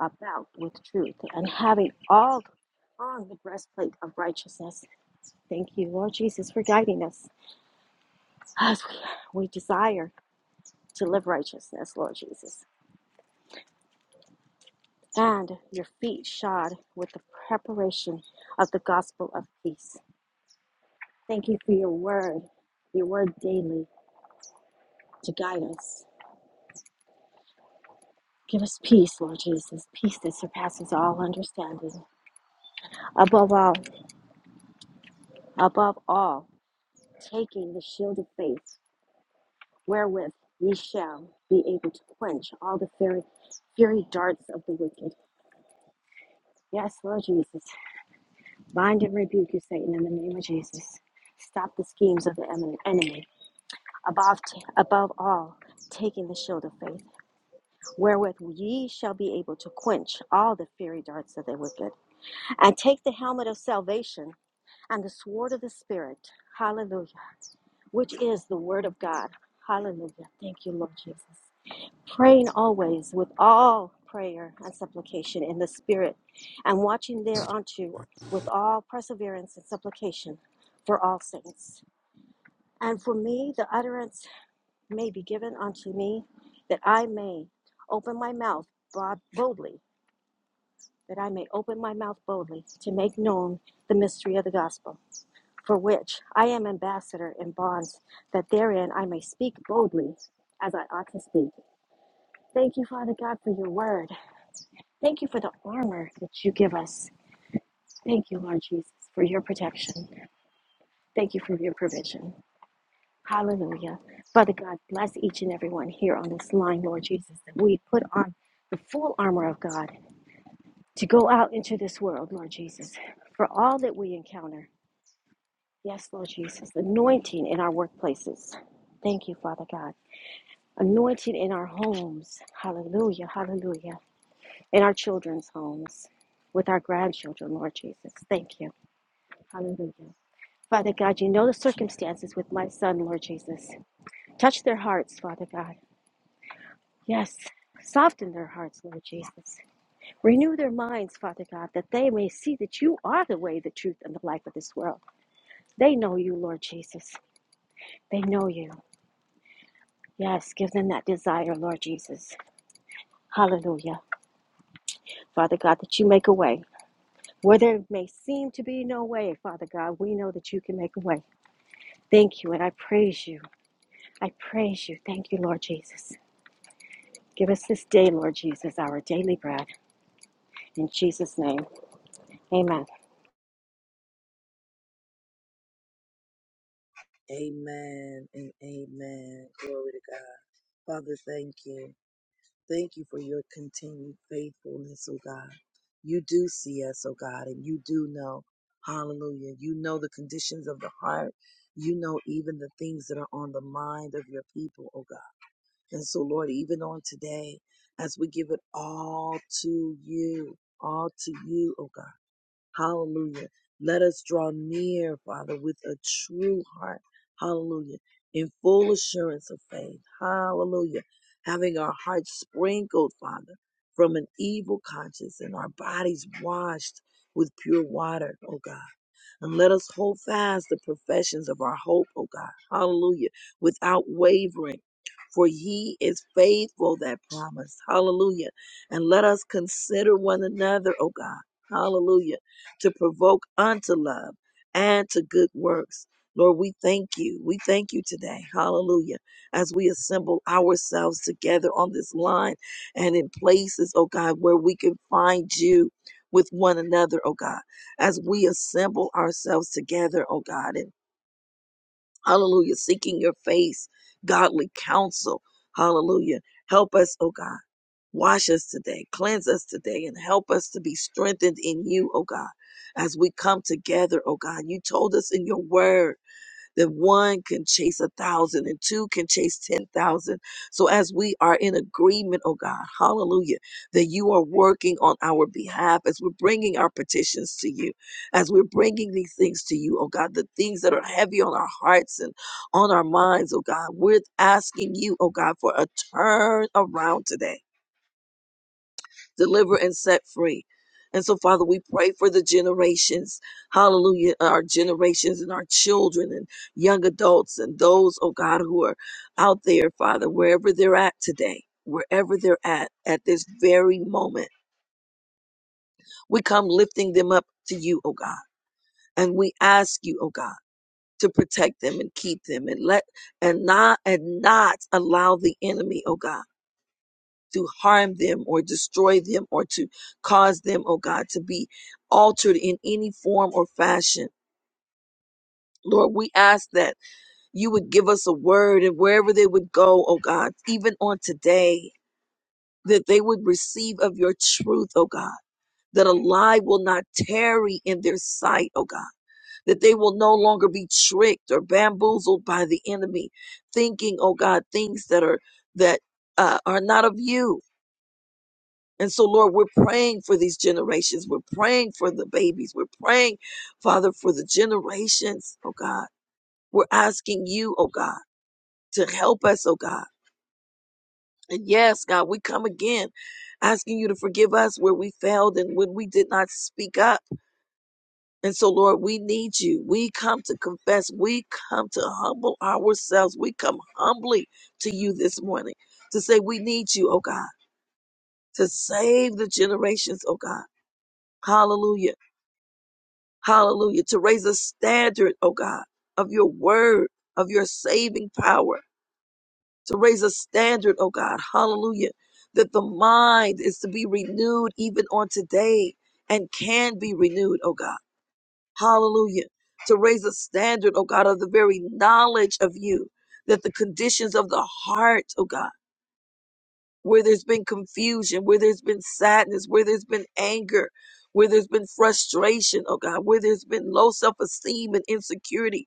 D: about with truth and having all on the breastplate of righteousness. Thank you, Lord Jesus, for guiding us as we, we desire to live righteousness, Lord Jesus. And your feet shod with the preparation of the gospel of peace. Thank you for your word, your word daily to guide us. Give us peace, Lord Jesus, peace that surpasses all understanding. Above all, above all, taking the shield of faith wherewith ye shall be able to quench all the fiery, fiery darts of the wicked. Yes, Lord Jesus, bind and rebuke you, Satan, in the name of Jesus. Stop the schemes of the em- enemy. Above, t- above all, taking the shield of faith, wherewith ye shall be able to quench all the fiery darts of the wicked, and take the helmet of salvation and the sword of the Spirit. Hallelujah which is the Word of God. Hallelujah. Thank you, Lord Jesus. praying always with all prayer and supplication in the Spirit, and watching thereunto with all perseverance and supplication for all saints. And for me, the utterance may be given unto me that I may open my mouth bod- boldly, that I may open my mouth boldly to make known the mystery of the gospel, for which I am ambassador in bonds, that therein I may speak boldly as I ought to speak. Thank you, Father God, for your word. Thank you for the armor that you give us. Thank you, Lord Jesus, for your protection. Thank you for your provision. Hallelujah. Father God, bless each and every one here on this line, Lord Jesus, that we put on the full armor of God to go out into this world, Lord Jesus, for all that we encounter. Yes, Lord Jesus, anointing in our workplaces. Thank you, Father God. Anointing in our homes. Hallelujah. Hallelujah. In our children's homes with our grandchildren, Lord Jesus. Thank you. Hallelujah. Father God, you know the circumstances with my son, Lord Jesus. Touch their hearts, Father God. Yes. Soften their hearts, Lord Jesus. Renew their minds, Father God, that they may see that you are the way, the truth, and the life of this world. They know you, Lord Jesus. They know you. Yes, give them that desire, Lord Jesus. Hallelujah. Father God, that you make a way. Where there may seem to be no way, Father God, we know that you can make a way. Thank you, and I praise you. I praise you. Thank you, Lord Jesus. Give us this day, Lord Jesus, our daily bread. In Jesus' name, amen.
A: Amen and amen. Glory to God. Father, thank you. Thank you for your continued faithfulness, oh God. You do see us, oh God, and you do know. Hallelujah. You know the conditions of the heart. You know even the things that are on the mind of your people, oh God. And so, Lord, even on today, as we give it all to you, all to you, oh God. Hallelujah. Let us draw near, Father, with a true heart. Hallelujah. In full assurance of faith. Hallelujah. Having our hearts sprinkled, Father, from an evil conscience and our bodies washed with pure water, oh God. And let us hold fast the professions of our hope, O God. Hallelujah. Without wavering. For he is faithful that promised. Hallelujah. And let us consider one another, O God. Hallelujah. To provoke unto love and to good works. Lord, we thank you. We thank you today. Hallelujah. As we assemble ourselves together on this line and in places, oh God, where we can find you with one another, oh God as we assemble ourselves together, oh God, and hallelujah, seeking your face, godly counsel, hallelujah. Help us, oh God. Wash us today, cleanse us today, and help us to be strengthened in you, oh God, as we come together, oh God. You told us in your word that one can chase a thousand and two can chase 10,000. So as we are in agreement, oh God, hallelujah, that you are working on our behalf as we're bringing our petitions to you, as we're bringing these things to you, oh God, the things that are heavy on our hearts and on our minds, oh God, we're asking you, oh God, for a turn around today deliver and set free. And so, Father, we pray for the generations, hallelujah, uh, our generations and our children and young adults and those, oh God, who are out there, Father, wherever they're at today, wherever they're at, at this very moment. We come lifting them up to you, oh God, and we ask you, oh God, to protect them and keep them and let, and not, and not allow the enemy, oh God to harm them or destroy them or to cause them, oh God, to be altered in any form or fashion. Lord, we ask that you would give us a word and wherever they would go, oh God, even on today, that they would receive of your truth, oh God, that a lie will not tarry in their sight, oh God, that they will no longer be tricked or bamboozled by the enemy, thinking, oh God, things that are, that uh, are not of you And so, Lord, we're praying for these generations. We're praying for the babies. We're praying, Father, for the generations, oh God. We're asking you, oh God, to help us, oh God. And yes, God, we come again asking you to forgive us where we failed and when we did not speak up. And so, Lord, we need you. We come to confess. We come to humble ourselves. We come humbly to you this morning to say, We need you, oh God, to save the generations, oh God. Hallelujah. Hallelujah. To raise a standard, oh God, of your word, of your saving power. To raise a standard, oh God. Hallelujah. That the mind is to be renewed even on today and can be renewed, oh God. Hallelujah. To raise a standard, oh God, of the very knowledge of you. That the conditions of the heart, oh God where there's been confusion, where there's been sadness, where there's been anger, where there's been frustration, oh God, where there's been low self esteem and insecurity,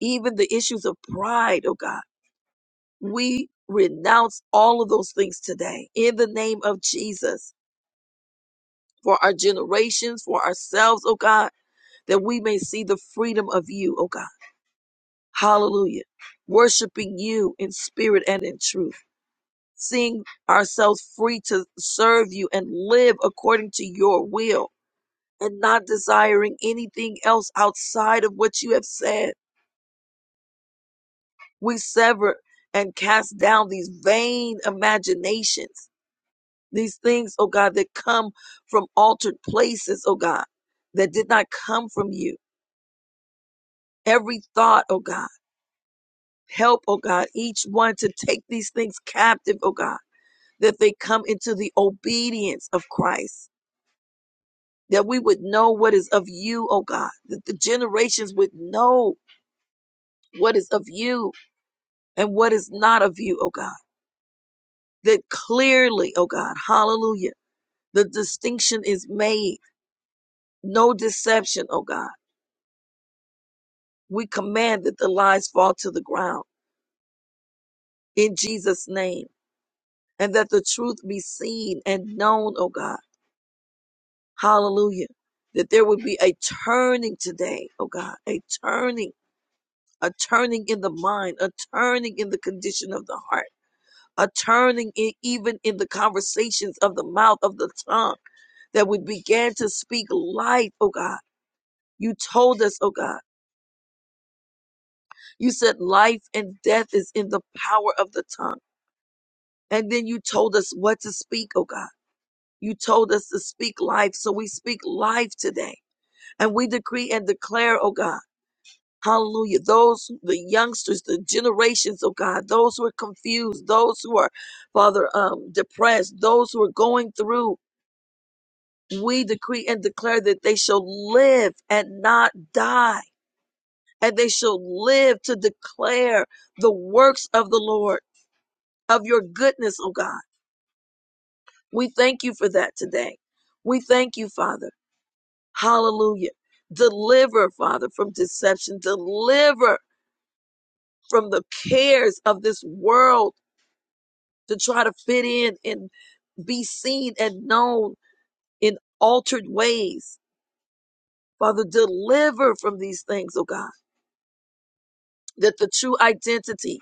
A: even the issues of pride, oh God. We renounce all of those things today in the name of Jesus for our generations, for ourselves, oh God, that we may see the freedom of you, oh God. Hallelujah. Worshiping you in spirit and in truth. seeing ourselves free to serve you and live according to your will and not desiring anything else outside of what you have said. We sever and cast down these vain imaginations, these things, oh God, that come from altered places, oh God, that did not come from you. Every thought, oh God, help, oh God, each one to take these things captive, oh God, that they come into the obedience of Christ that we would know what is of you, oh God, that the generations would know what is of you and what is not of you, oh God, that clearly, oh God, hallelujah, the distinction is made. No deception, oh God. We command that the lies fall to the ground in Jesus' name and that the truth be seen and known, oh God, hallelujah, that there would be a turning today, oh God, a turning, a turning in the mind, a turning in the condition of the heart a turning it even in the conversations of the mouth of the tongue that we began to speak life, oh God. You told us, oh God, you said life and death is in the power of the tongue. And then you told us what to speak, oh God. You told us to speak life. So we speak life today and we decree and declare, oh God. Hallelujah. Those, the youngsters, the generations, oh God, those who are confused, those who are, Father, um, depressed, those who are going through We decree and declare that they shall live and not die, and they shall live to declare the works of the Lord, of your goodness, oh God. We thank you for that today. We thank you, Father. Hallelujah. Deliver, Father, from deception. Deliver from the cares of this world to try to fit in and be seen and known in altered ways. Father, deliver from these things, oh God that the true identity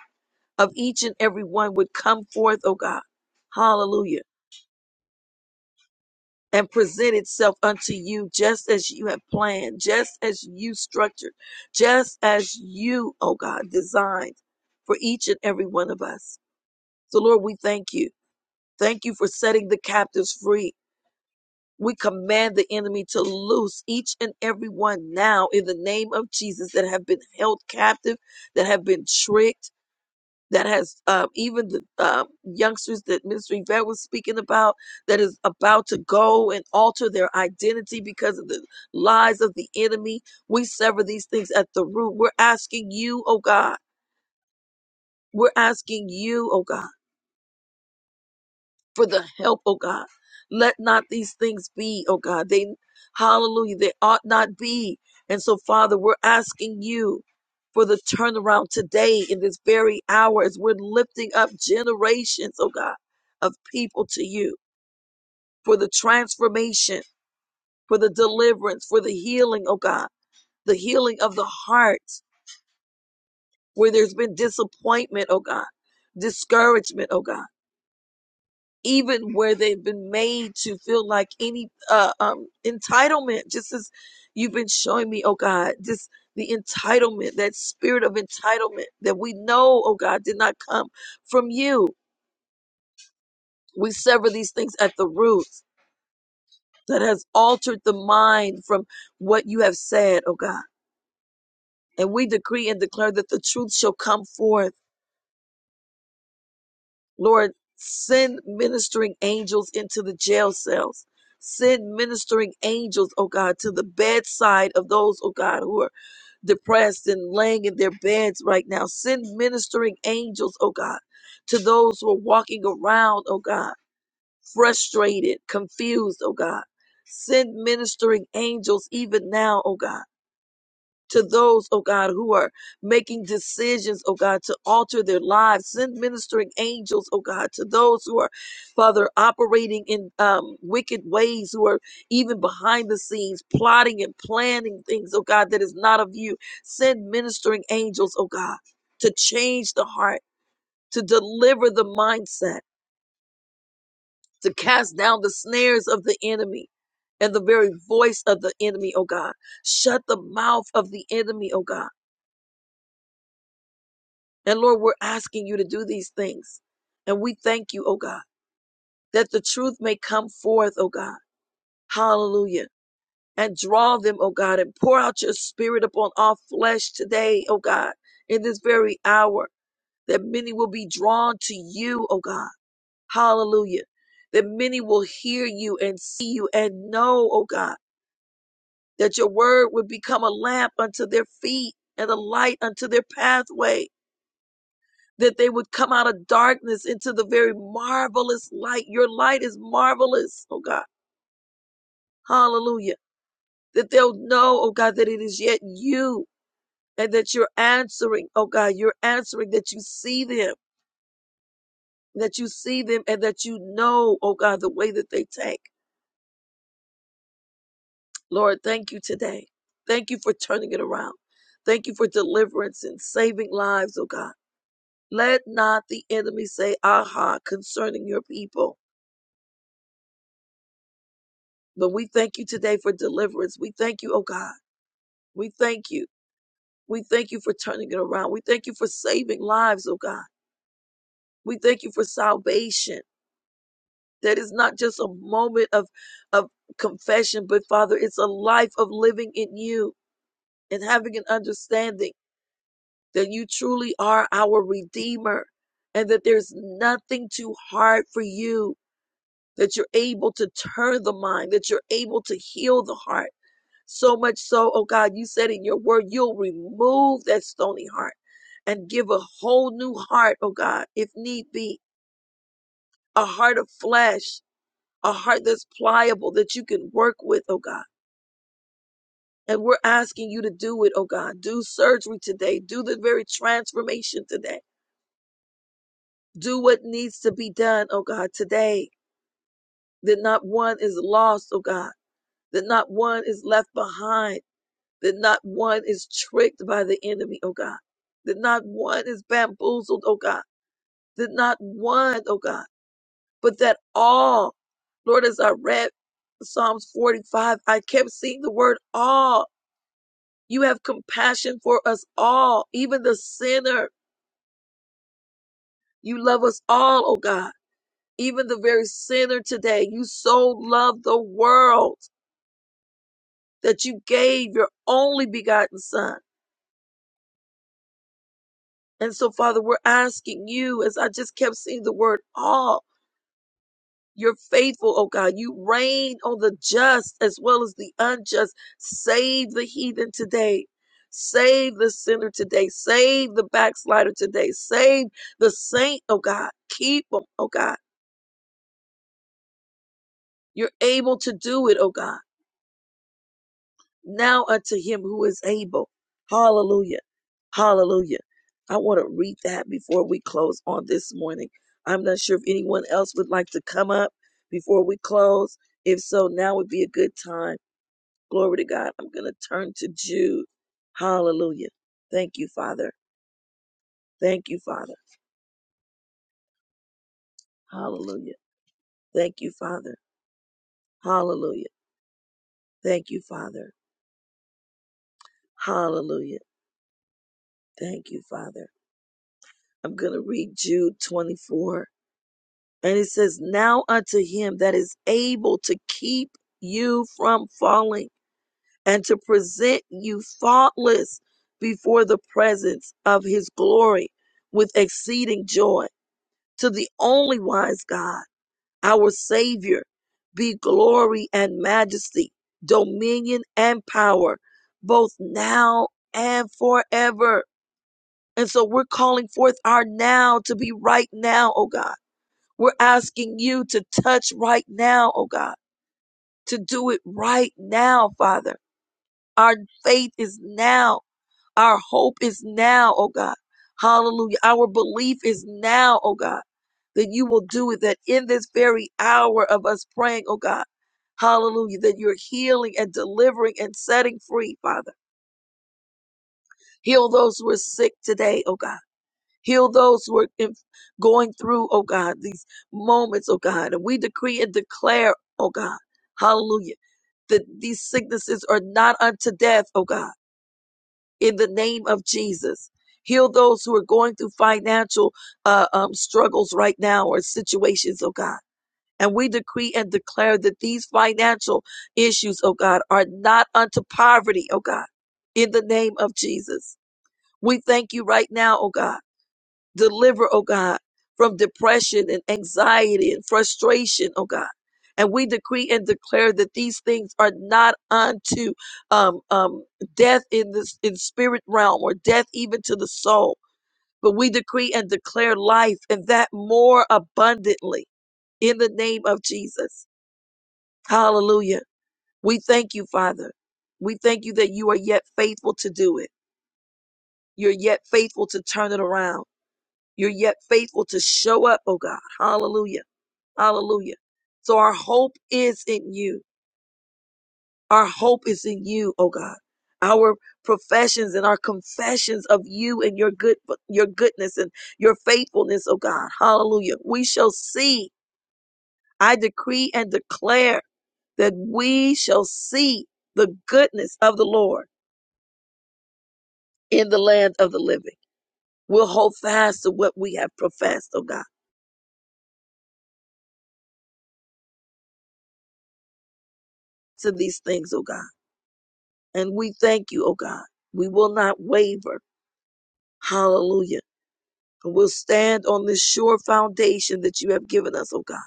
A: of each and every one would come forth, oh God. Hallelujah. And present itself unto you just as you have planned, just as you structured, just as you, oh God, designed for each and every one of us. So, Lord, we thank you. Thank you for setting the captives free. We command the enemy to loose each and every one now in the name of Jesus that have been held captive, that have been tricked that has um, even the um, youngsters that Mr. Yvette was speaking about that is about to go and alter their identity because of the lies of the enemy. We sever these things at the root. We're asking you, oh God. We're asking you, oh God for the help, oh God. Let not these things be, oh God. They, hallelujah, they ought not be. And so, Father, we're asking you for the turnaround today in this very hour as we're lifting up generations, oh God, of people to you for the transformation, for the deliverance, for the healing, oh God, the healing of the heart where there's been disappointment, oh God, discouragement, oh God. even where they've been made to feel like any uh, um, entitlement, just as you've been showing me, oh God, just the entitlement, that spirit of entitlement that we know, oh God, did not come from you. We sever these things at the roots that has altered the mind from what you have said, oh God. And we decree and declare that the truth shall come forth Lord, send ministering angels into the jail cells. Send ministering angels, oh God, to the bedside of those, oh God, who are depressed and laying in their beds right now. Send ministering angels, oh God, to those who are walking around, oh God, frustrated, confused, oh God. Send ministering angels even now, oh God to those, oh God, who are making decisions, oh God, to alter their lives. Send ministering angels, oh God, to those who are, Father, operating in um, wicked ways, who are even behind the scenes, plotting and planning things, oh God, that is not of you. Send ministering angels, oh God, to change the heart, to deliver the mindset, to cast down the snares of the enemy. And the very voice of the enemy, oh God. Shut the mouth of the enemy, oh God And Lord, we're asking you to do these things. And we thank you, oh God, that the truth may come forth, oh God. Hallelujah. And draw them, oh God, and pour out your spirit upon all flesh today, oh God, in this very hour, that many will be drawn to you, oh God. Hallelujah. That many will hear you and see you and know, oh God, that your word would become a lamp unto their feet and a light unto their pathway. Thank you, deliverance and saving lives, oh God. Let not the enemy say, ah, come on." But God, we thank you. We thank you for turning it around. We thank you for saving lives, oh God. We thank that is not just of of com- a heart and the heart that's pliable that you can work with, oh God. And we're asking you to do it, oh God. Do surgery today. Do the very transformation today. Do what needs to be done, oh God, today. That not one is lost, oh God. That not one is left behind that not one is tricked by the enemy, oh God, that not one is bamboozled, oh God, that not one, oh God, but that all, Lord, as I read Psalms 45, I kept seeing the word all. You have compassion for us all. You love us all, oh God. Even the very sinner today, you so love the world that you gave your only begotten son. And so, Father, we're asking you, as I just kept seeing the word all, You're faithful, oh God. You reign on the just as well as the unjust. Save the heathen today. Save the sinner today. Save the backslider today. Save the saint, oh God. Keep them, oh God. You're able to do it, oh God. Now unto him who is able. Hallelujah. Hallelujah. I want to read that before we close on this morning. I'm not sure if anyone else would like to come up before we close. If so, now would be a good time. Glory to God. I'm going to turn to Jude. Hallelujah. Thank you, Father. Thank you, Father. Hallelujah. Thank you, Father. Hallelujah. Thank you, Father. Hallelujah. Thank you, Father. I'm going to read Jude 24. And it says, Now unto him that is able to keep you from falling and to present you faultless before the presence of his glory with exceeding joy to the only wise God our Savior, be glory and majesty, dominion and power, both now and forever. And so we're calling forth our now to be right now, oh God. We're asking you to touch right now, oh God, to do it right now, Father. Our faith is now. Our hope is now, oh God. Hallelujah. Our belief is now, oh God, that you will do it, that in this very hour of us praying, oh God, hallelujah, that you're healing and delivering and setting free, Father. Heal those who are sick today, oh God. Heal those who are in, going through, oh God, these moments, oh God. And we decree and declare, oh God, hallelujah, that these sicknesses are not unto death, oh God in the name of Jesus. Heal those who are going through financial uh, um, struggles right now or situations, oh God. And we decree and declare that these financial issues, oh God, are not unto poverty, oh God, in the name of Jesus. We thank you right now, oh God Deliver, oh God, from depression and anxiety and frustration, oh God. And we decree and declare that these things are not unto um, um, death in the in spirit realm or death even to the soul. But we decree and declare life and that more abundantly in the name of Jesus. Hallelujah. We thank you, Father. We thank you that you are yet faithful to do it. You're yet faithful to turn it around. You're yet faithful to show up, oh God. Hallelujah. Hallelujah. So our hope is in you. Our hope is in you, oh God. Our professions and our confessions of you and your good your goodness and your faithfulness, oh God. Hallelujah. We shall see. I decree and declare that we shall see the goodness of the Lord in the land of the living. We'll hold fast to what we have professed, oh God, to these things, oh God. And we thank you, oh God. We will not waver. Hallelujah. And we'll stand on this sure foundation that you have given us, oh God,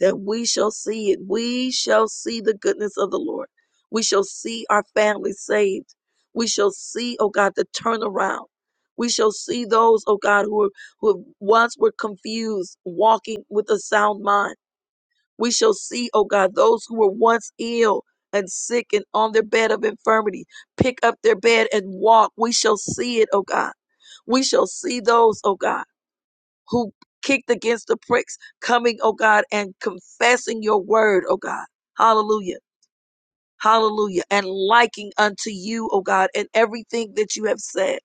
A: that we shall see it. We shall see the goodness of the Lord. We shall see our families saved. We shall see, oh God, the turnaround. We shall see those, oh God, who, are, who once were confused, walking with a sound mind. We shall see, oh God, those who were once ill and sick and on their bed of infirmity pick up their bed and walk. We shall see it, oh God. We shall see those, oh God, who kicked against the pricks coming, oh God, and confessing your word, oh God. Hallelujah. Hallelujah. And liking unto you, oh God, and everything that you have said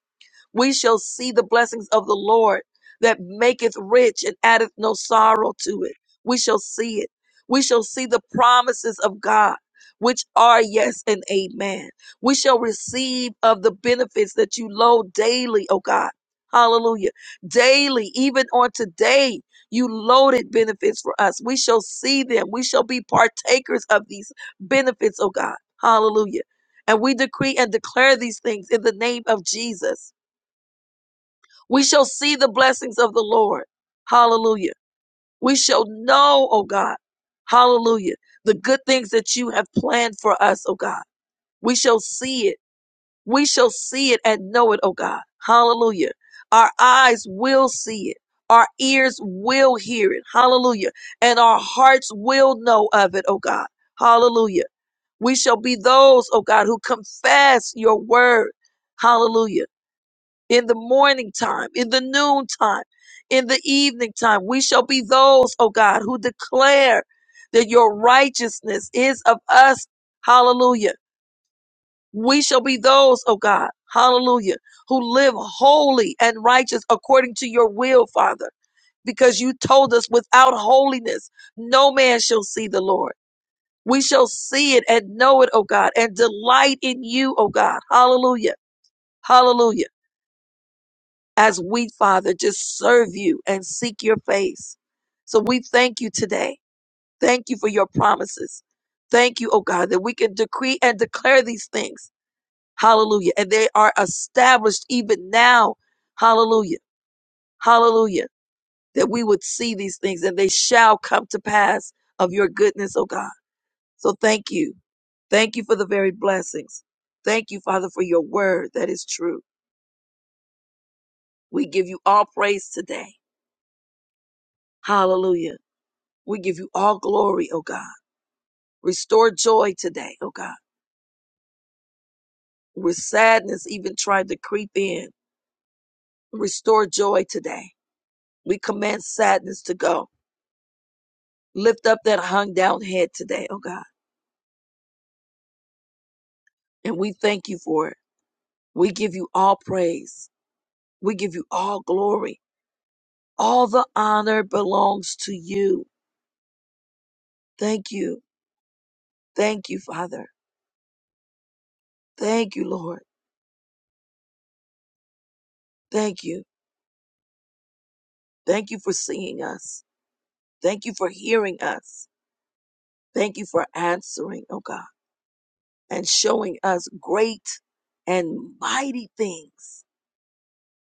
A: we shall see the blessings of the Lord that maketh rich and addeth no sorrow to it. We shall see it. We shall see the promises of God, which are yes and amen. We shall receive of the benefits that you load daily, oh God. Hallelujah. Daily, even on today, you loaded benefits for us. We shall see them. We shall be partakers of these benefits, oh God. Hallelujah. And we decree and declare these things in the name of Jesus. We shall see the blessings of the Lord. Hallelujah. We shall know, oh God. Hallelujah. The good things that you have planned for us, oh God. We shall see it. We shall see it and know it, oh God. Hallelujah. Our eyes will see it. Our ears will hear it. Hallelujah. And our hearts will know of it, oh God. Hallelujah. We shall be those, oh God, who confess your word. Hallelujah in the morning time, in the noon time, in the evening time. We shall be those, oh God, who declare that your righteousness is of us. Hallelujah. We shall be those, oh God, hallelujah, who live holy and righteous according to your will, Father, because you told us without holiness, no man shall see the Lord. We shall see it and know it, oh God, and delight in you, oh God. Hallelujah. Hallelujah. as we, Father, just serve you and seek your face. So we thank you today. Thank you for your promises. Thank you, oh God, that we can decree and declare these things. Hallelujah. And they are established even now. Hallelujah. Hallelujah. That we would see these things and they shall come to pass of your goodness, oh God. So thank you. Thank you for the very blessings. Thank you, Father, for your word that is true. We give you all praise today. Hallelujah. We give you all glory, oh God. Restore joy today, oh God. Where sadness even tried to creep in, restore joy today. We command sadness to go. Lift up that hung down head today, oh God. And we thank you for it. We give you all praise. We give you all glory. All the honor belongs to you. Thank you. Thank you, Father. Thank you, Lord. Thank you. Thank you for seeing us. Thank you for hearing us. Thank you for answering, oh God. and showing us great and mighty things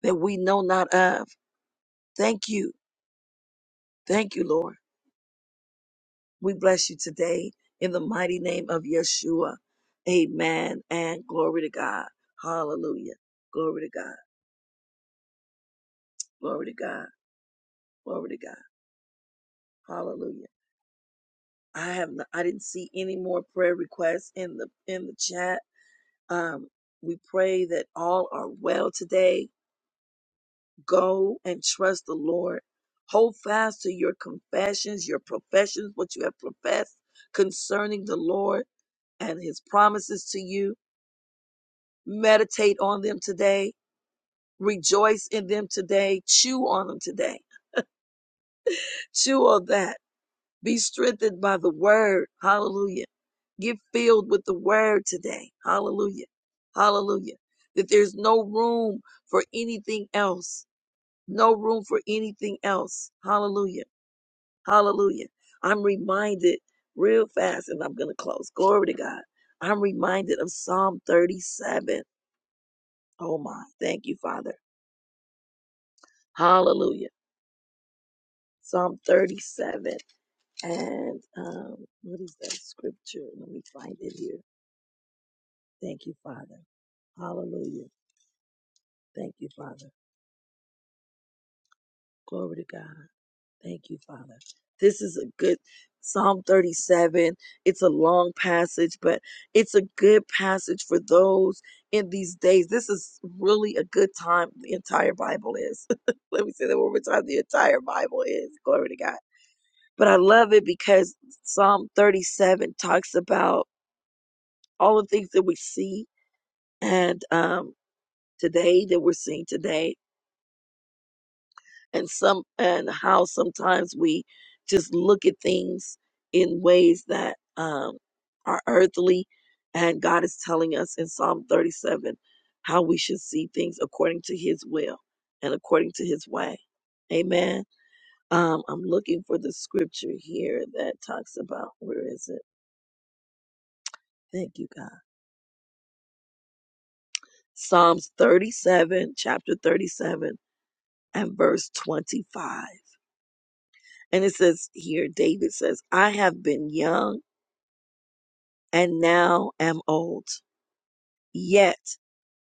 A: that we know not of. Thank you. Thank you, Lord. We bless you today in the mighty name of Yeshua. Amen. And glory to God. Hallelujah. Glory to God. Glory to God. Glory to God. Hallelujah. I have not, I didn't see any more prayer requests in the in the chat. Um, we pray that all are well today Go and trust the Lord. Hold fast to your confessions, your professions, what you have professed concerning the Lord and his promises to you. Meditate on them today. Rejoice in them today. Chew on them today. Chew on that. Be strengthened by the word. Hallelujah. Get filled with the word today. Hallelujah. Hallelujah. That there's no room for anything else. No room for anything else. Hallelujah Hallelujah. I'm reminded real fast, and I'm going to close. Glory to God. I'm reminded of Psalm 37. Oh my. Thank you, Father. Hallelujah. Psalm 37. And um, what is that scripture? Let me find it here. Thank you, Father. Hallelujah. Thank you, Father. Glory to God. Thank you, Father. This is a good Psalm 37. It's a long passage, but it's a good passage for those in these days. This is really a good time. The entire Bible is. Let me say that one more time. The entire Bible is. Glory to God. But I love it because Psalm 37 talks about all the things that we see and um, today that we're seeing today and some and how sometimes we just look at things in ways that um, are earthly and god is telling us in psalm 37 how we should see things according to his will and according to his way amen um, i'm looking for the scripture here that talks about where is it thank you god psalms 37 chapter 37 and verse 25 and it says here david says i have been young and now am old. Yet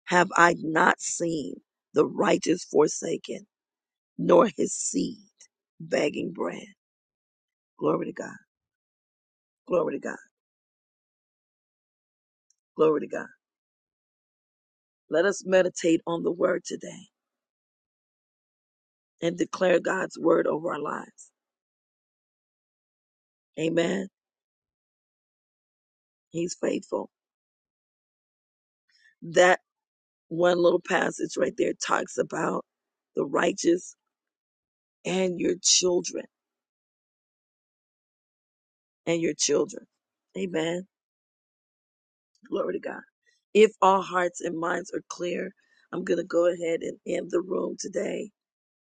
A: have I not seen the righteous forsaken, nor his seed begging bread. Glory to God. Glory to God. Glory to God. Let us meditate on the word today and declare God's word over our lives. Amen. He's faithful. That one little passage right there talks about the righteous and your children and your children. Amen. Glory to God. If our hearts and minds are clear, I'm going to go ahead and end the room today.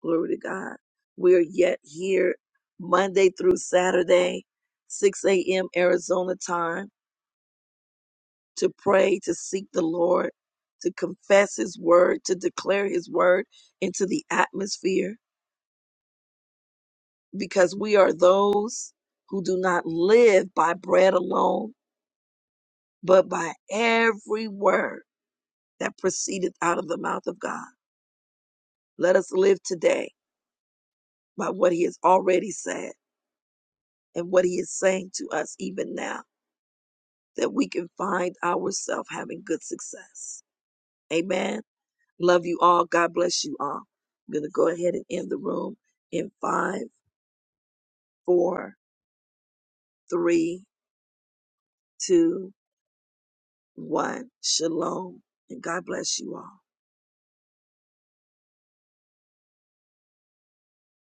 A: Glory to God. We're yet here Monday through Saturday, 6 a.m. Arizona time, to pray, to seek the Lord, to confess His word, to declare His word into the atmosphere, because we are those who do not live by bread alone, but by every word that proceedeth out of the mouth of God. Let us live today by what he has already said and what he is saying to us even now, that we can find ourselves having good success. Amen. Love you all. God bless you all. I'm going to go ahead and end the room in five, four, three, two, one. Shalom. And God bless you all.